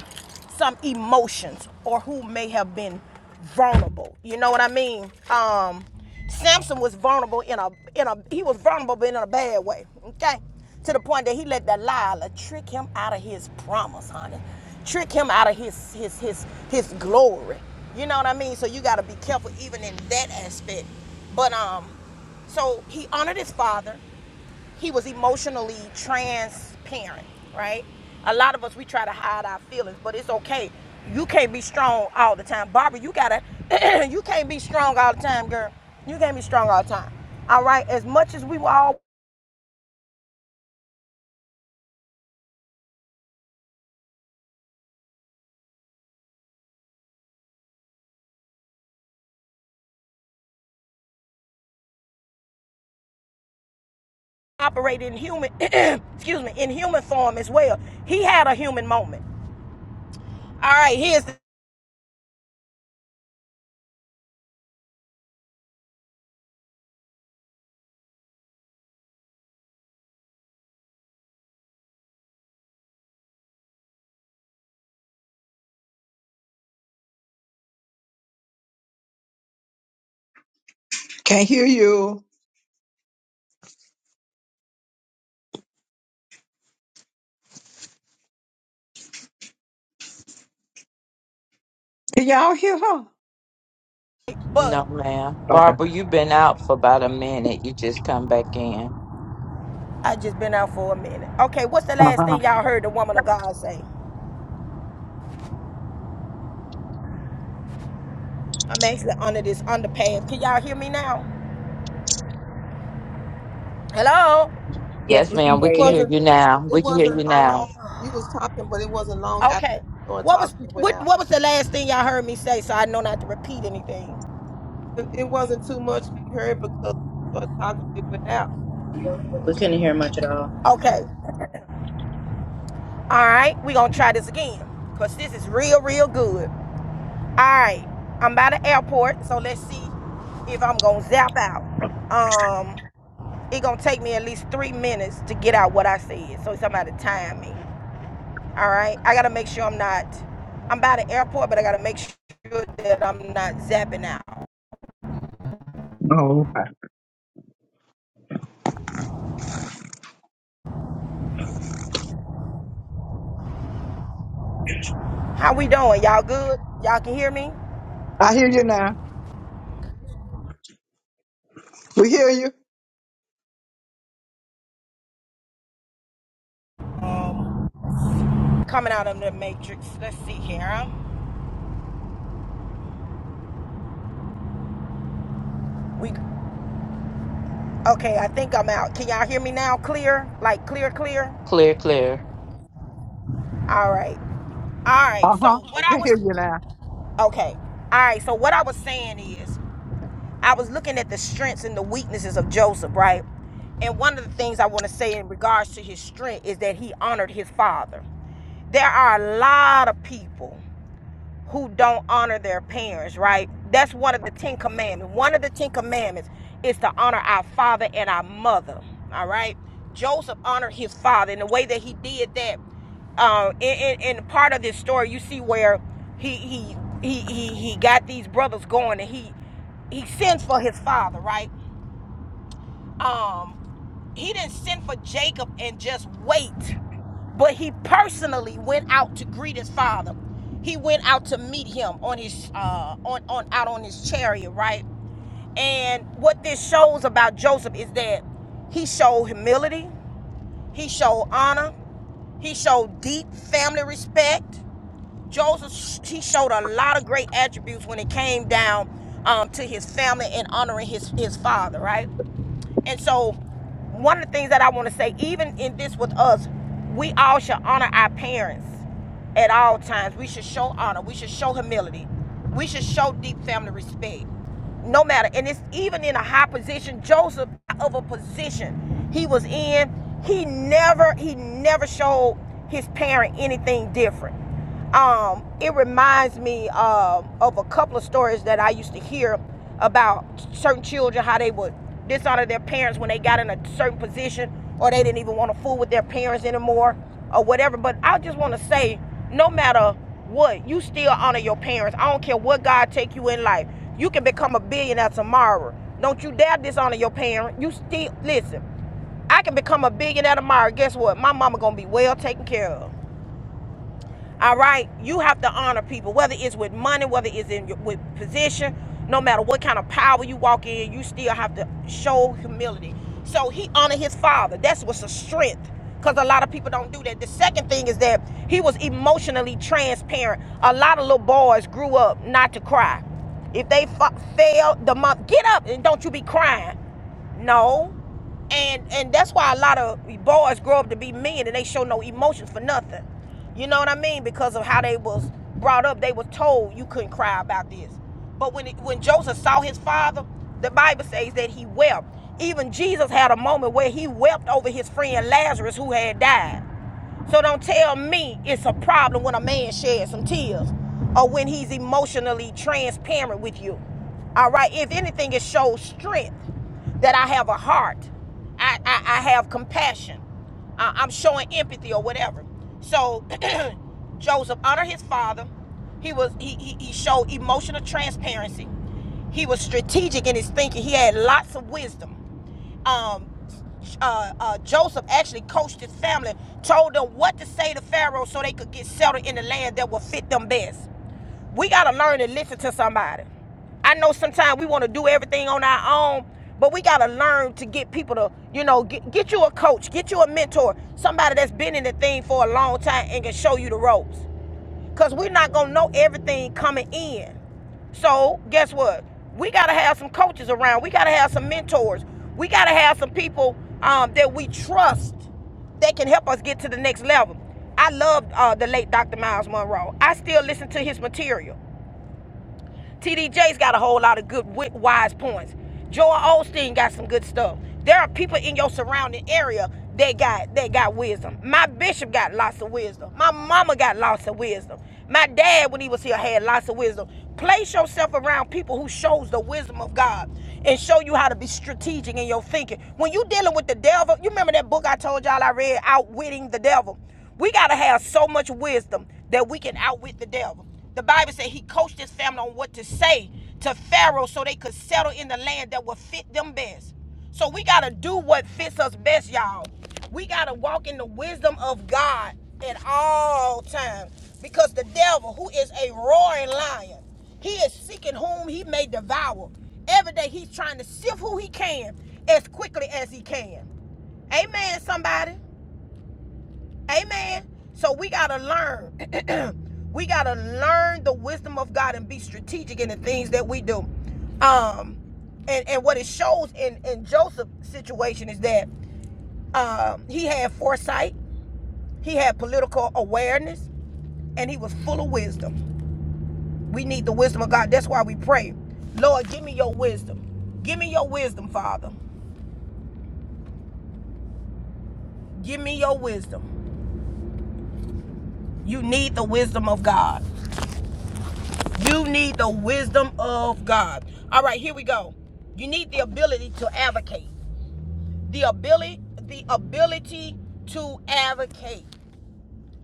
Speaker 1: some emotions or who may have been vulnerable. You know what I mean? Um Samson was vulnerable in a in a he was vulnerable but in a bad way. Okay? To the point that he let Delilah trick him out of his promise, honey. Trick him out of his his his his glory. You know what I mean? So you gotta be careful even in that aspect. But um so he honored his father he was emotionally transparent, right? A lot of us we try to hide our feelings, but it's okay. You can't be strong all the time, Barbara. You gotta, you can't be strong all the time, girl. You can't be strong all the time. All right. As much as we were all operating in human, excuse me, in human form as well. He had a human moment. All right. Here's the,
Speaker 3: Can't hear you. Can y'all hear her?
Speaker 1: but
Speaker 2: No, ma'am.
Speaker 3: Okay.
Speaker 2: Barbara, you've been out for about a minute. You just come back in.
Speaker 1: I just been out for a minute. Okay. What's the
Speaker 3: Uh
Speaker 1: last
Speaker 3: huh.
Speaker 1: thing y'all heard the woman of God say? I'm actually under this underpass. Can y'all hear me now? Hello?
Speaker 5: Yes,
Speaker 2: Yes,
Speaker 5: we can
Speaker 2: ma'am. We
Speaker 6: It
Speaker 5: hear
Speaker 2: can hear
Speaker 5: you.
Speaker 6: wasn't.
Speaker 2: you now.
Speaker 6: It
Speaker 2: We can hear you
Speaker 6: wasn't long.
Speaker 2: now.
Speaker 6: You was talking, but it wasn't long after
Speaker 1: Okay.
Speaker 6: we started
Speaker 1: What was
Speaker 6: talking. It went
Speaker 1: what
Speaker 6: out.
Speaker 1: what was the last thing y'all heard me say so I know not to repeat anything?
Speaker 6: It it wasn't too much we heard because we started talking. It went out.
Speaker 5: We couldn't hear much at all.
Speaker 1: Okay. Alright, we gonna try this again. Cause this is real, real good. Alright. I'm by the airport, so let's see if I'm gonna zap out. Um it gonna take me at least three minutes to get out what I said. So somebody time me. Alright? I gotta make sure I'm not I'm by the airport, but I gotta make sure that I'm not zapping out.
Speaker 3: Oh, okay.
Speaker 1: How we doing? Y'all good? Y'all can hear me?
Speaker 3: I hear you now. We hear you.
Speaker 1: Coming out of the matrix. Let's see here. We okay. I think I'm out. Can y'all hear me now? Clear, like clear, clear.
Speaker 2: Clear, clear.
Speaker 1: All right. All right.
Speaker 3: Uh
Speaker 1: So
Speaker 3: huh.
Speaker 1: what I
Speaker 3: We hear
Speaker 1: was
Speaker 3: you now.
Speaker 1: okay. All right. So what I was saying is, I was looking at the strengths and the weaknesses of Joseph, right? And one of the things I want to say in regards to his strength is that he honored his father. There are a lot of people. who don't honor their parents, right? That's one of the Ten Commandments. One of the Ten Commandments is to honor our father and our mother, all right? Joseph honored his father, and the way that he did that, uh, in, in, in part of this story, you see where he he he he, he got these brothers going, and he he sends for his father, right? Um, he didn't send for Jacob and just wait, but he personally went out to greet his father. He went out to meet him on his uh on on out on his chariot, right? And what this shows about Joseph is that he showed humility, he showed honor, he showed deep family respect. Joseph he showed a lot of great attributes when it came down um, to his family and honoring his his father, right? And so, one of the things that I want to say, even in this with us, we all should honor our parents at all times. We should show honor. We should show humility. We should show deep family respect. No matter, and it's even in a high position, Joseph of a position he was in, he never, he never showed his parent anything different um, it reminds me um, of a couple of stories that I used to hear about certain children how they would dishonor their parents when they got in a certain position or they didn't even want to fool with their parents anymore or whatever. But I just want to say, no matter what, you still honor your parents. I don't care what God take you in life. You can become a billionaire tomorrow. Don't you dare dishonor your parent. You still listen. I can become a billionaire tomorrow. Guess what? My mama gonna be well taken care of. All right, you have to honor people, whether it's with money, whether it's in your, with position, no matter what kind of power you walk in, you still have to show humility. So he honored his father. That's what's a strength, because a lot of people don't do that. The second thing is that he was emotionally transparent. A lot of little boys grew up not to cry. If they fa- failed the month, get up and don't you be crying. No and and that's why a lot of boys grow up to be men and they show no emotions for nothing you know what i mean because of how they was brought up they was told you couldn't cry about this but when it, when joseph saw his father the bible says that he wept even jesus had a moment where he wept over his friend lazarus who had died so don't tell me it's a problem when a man sheds some tears or when he's emotionally transparent with you. All right. If anything, it shows strength that I have a heart. I, I, I have compassion. I, I'm showing empathy or whatever. So Joseph honored his father. He was he, he he showed emotional transparency. He was strategic in his thinking. He had lots of wisdom um, uh, uh, Joseph actually coached his family, told them what to say to Pharaoh so they could get settled in the land that would fit them best. We got to learn to listen to somebody. I know sometimes we want to do everything on our own, but we got to learn to get people to, you know, get, get you a coach, get you a mentor, somebody that's been in the thing for a long time and can show you the ropes. Because we're not going to know everything coming in. So, guess what? We got to have some coaches around. We got to have some mentors. We got to have some people um, that we trust that can help us get to the next level. I loved uh, the late Dr. Miles Monroe. I still listen to his material. TDJ's got a whole lot of good wise points. Joel Osteen got some good stuff. There are people in your surrounding area that got that got wisdom. My bishop got lots of wisdom. My mama got lots of wisdom. My dad, when he was here, had lots of wisdom. Place yourself around people who shows the wisdom of God and show you how to be strategic in your thinking. When you dealing with the devil, you remember that book I told y'all I read, Outwitting the Devil. We got to have so much wisdom that we can outwit the devil. The Bible said he coached his family on what to say to Pharaoh so they could settle in the land that would fit them best. So we got to do what fits us best, y'all. We got to walk in the wisdom of God at all times because the devil, who is a roaring lion, he is seeking whom he may devour. Every day he's trying to sift who he can as quickly as he can. Amen, somebody. Amen. So we gotta learn. we gotta learn the wisdom of God and be strategic in the things that we do. Um, and and what it shows in in Joseph's situation is that um he had foresight, he had political awareness, and he was full of wisdom. We need the wisdom of God. That's why we pray, Lord, give me your wisdom. Give me your wisdom, Father. Give me your wisdom. You need the wisdom of God. You need the wisdom of God. All right, here we go. You need the ability to advocate. The ability, the ability to advocate.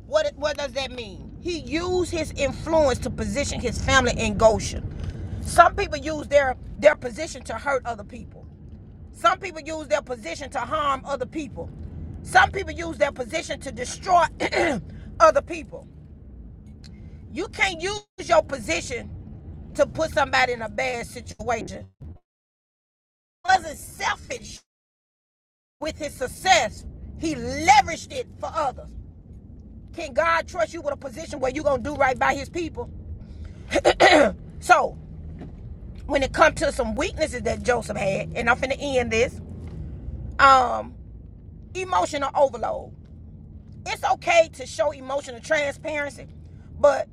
Speaker 1: What what does that mean? He used his influence to position his family in Goshen. Some people use their their position to hurt other people. Some people use their position to harm other people. Some people use their position to destroy other people. You can't use your position to put somebody in a bad situation. He wasn't selfish with his success. He leveraged it for others. Can God trust you with a position where you're gonna do right by his people? So when it comes to some weaknesses that Joseph had, and I'm finna end this, um, emotional overload. it's okay to show emotional transparency, but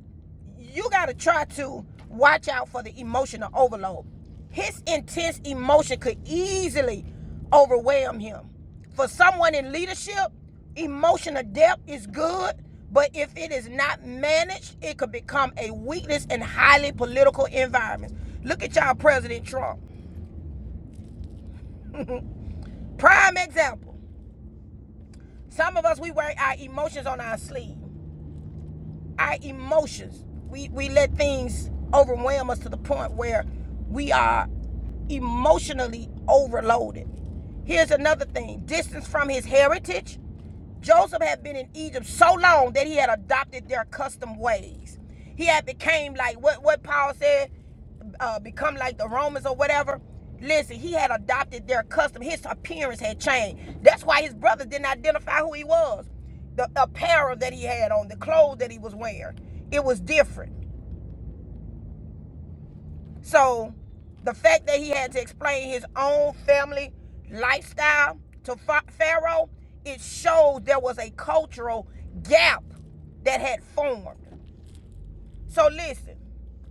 Speaker 1: you got to try to watch out for the emotional overload. His intense emotion could easily overwhelm him. For someone in leadership, emotional depth is good, but if it is not managed, it could become a weakness in highly political environments. Look at y'all, President Trump. Prime example. Some of us, we wear our emotions on our sleeve. our emotions. We we let things overwhelm us to the point where we are emotionally overloaded. Here's another thing: distance from his heritage Joseph had been in Egypt so long that he had adopted their custom ways. He had became like what what Paul said, uh, become like the Romans or whatever. Listen, he had adopted their custom. His appearance had changed. That's why his brothers didn't identify who he was. The apparel that he had on, the clothes that he was wearing, it was different. So the fact that he had to explain his own family lifestyle to Pharaoh, it shows there was a cultural gap that had formed. So listen,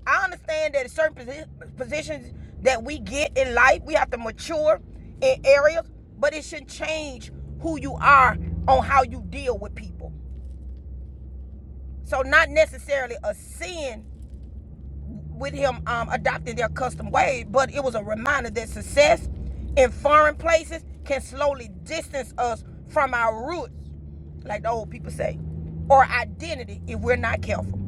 Speaker 1: I understand that certain positions that we get in life, we have to mature in areas, but it should change who you are on how you deal with people. So not necessarily a sin with him um, adopting their custom way, but it was a reminder that success in foreign places can slowly distance us from our roots, like the old people say, or identity if we're not careful.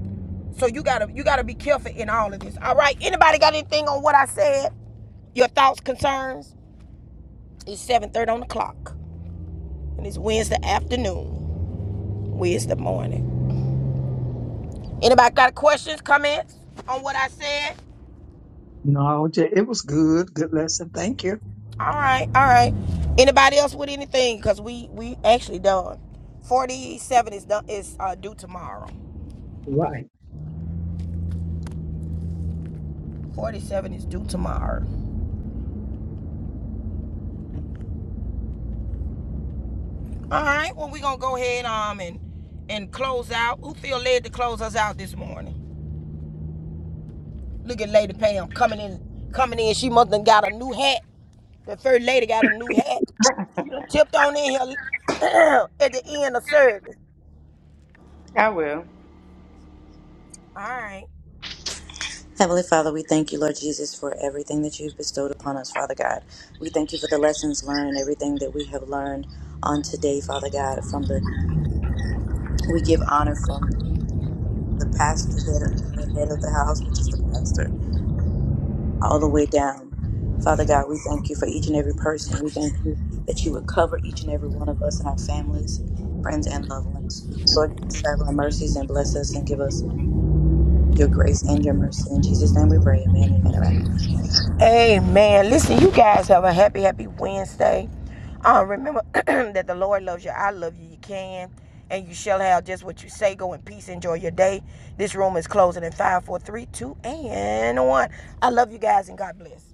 Speaker 1: So you gotta you gotta be careful in all of this. All right. Anybody got anything on what I said? Your thoughts, concerns? It's seven thirty on the clock, and it's Wednesday afternoon, Wednesday morning. Anybody got questions, comments on what I said?
Speaker 3: No, j- it was good. Good lesson. Thank you.
Speaker 1: All right, all right. Anybody else with anything? Cause we we actually done. Forty seven is done is uh, due tomorrow.
Speaker 3: Right.
Speaker 1: Forty seven is due tomorrow. All right. Well, we gonna go ahead um and and close out. Who feel led to close us out this morning? Look at Lady Pam coming in, coming in. She must have got a new hat. The third lady got a new hat. Tipped on in here at the end of service.
Speaker 5: I will.
Speaker 1: All right.
Speaker 5: Heavenly Father, we thank you, Lord Jesus, for everything that you've bestowed upon us, Father God. We thank you for the lessons learned, and everything that we have learned on today, Father God. From the we give honor from the pastor, head of, the head of the house, which is the pastor, all the way down. Father God, we thank you for each and every person. We thank you that you would cover each and every one of us and our families, friends, and loved ones. Lord, give us traveling mercies and bless us and give us your grace and your mercy. In Jesus' name we pray. Amen. Amen. amen.
Speaker 1: Amen. Listen, you guys have a happy, happy Wednesday. Um, remember that the Lord loves you. I love you. You can and you shall have just what you say. Go in peace. Enjoy your day. This room is closing in five, four, three, two, and one. I love you guys and God bless.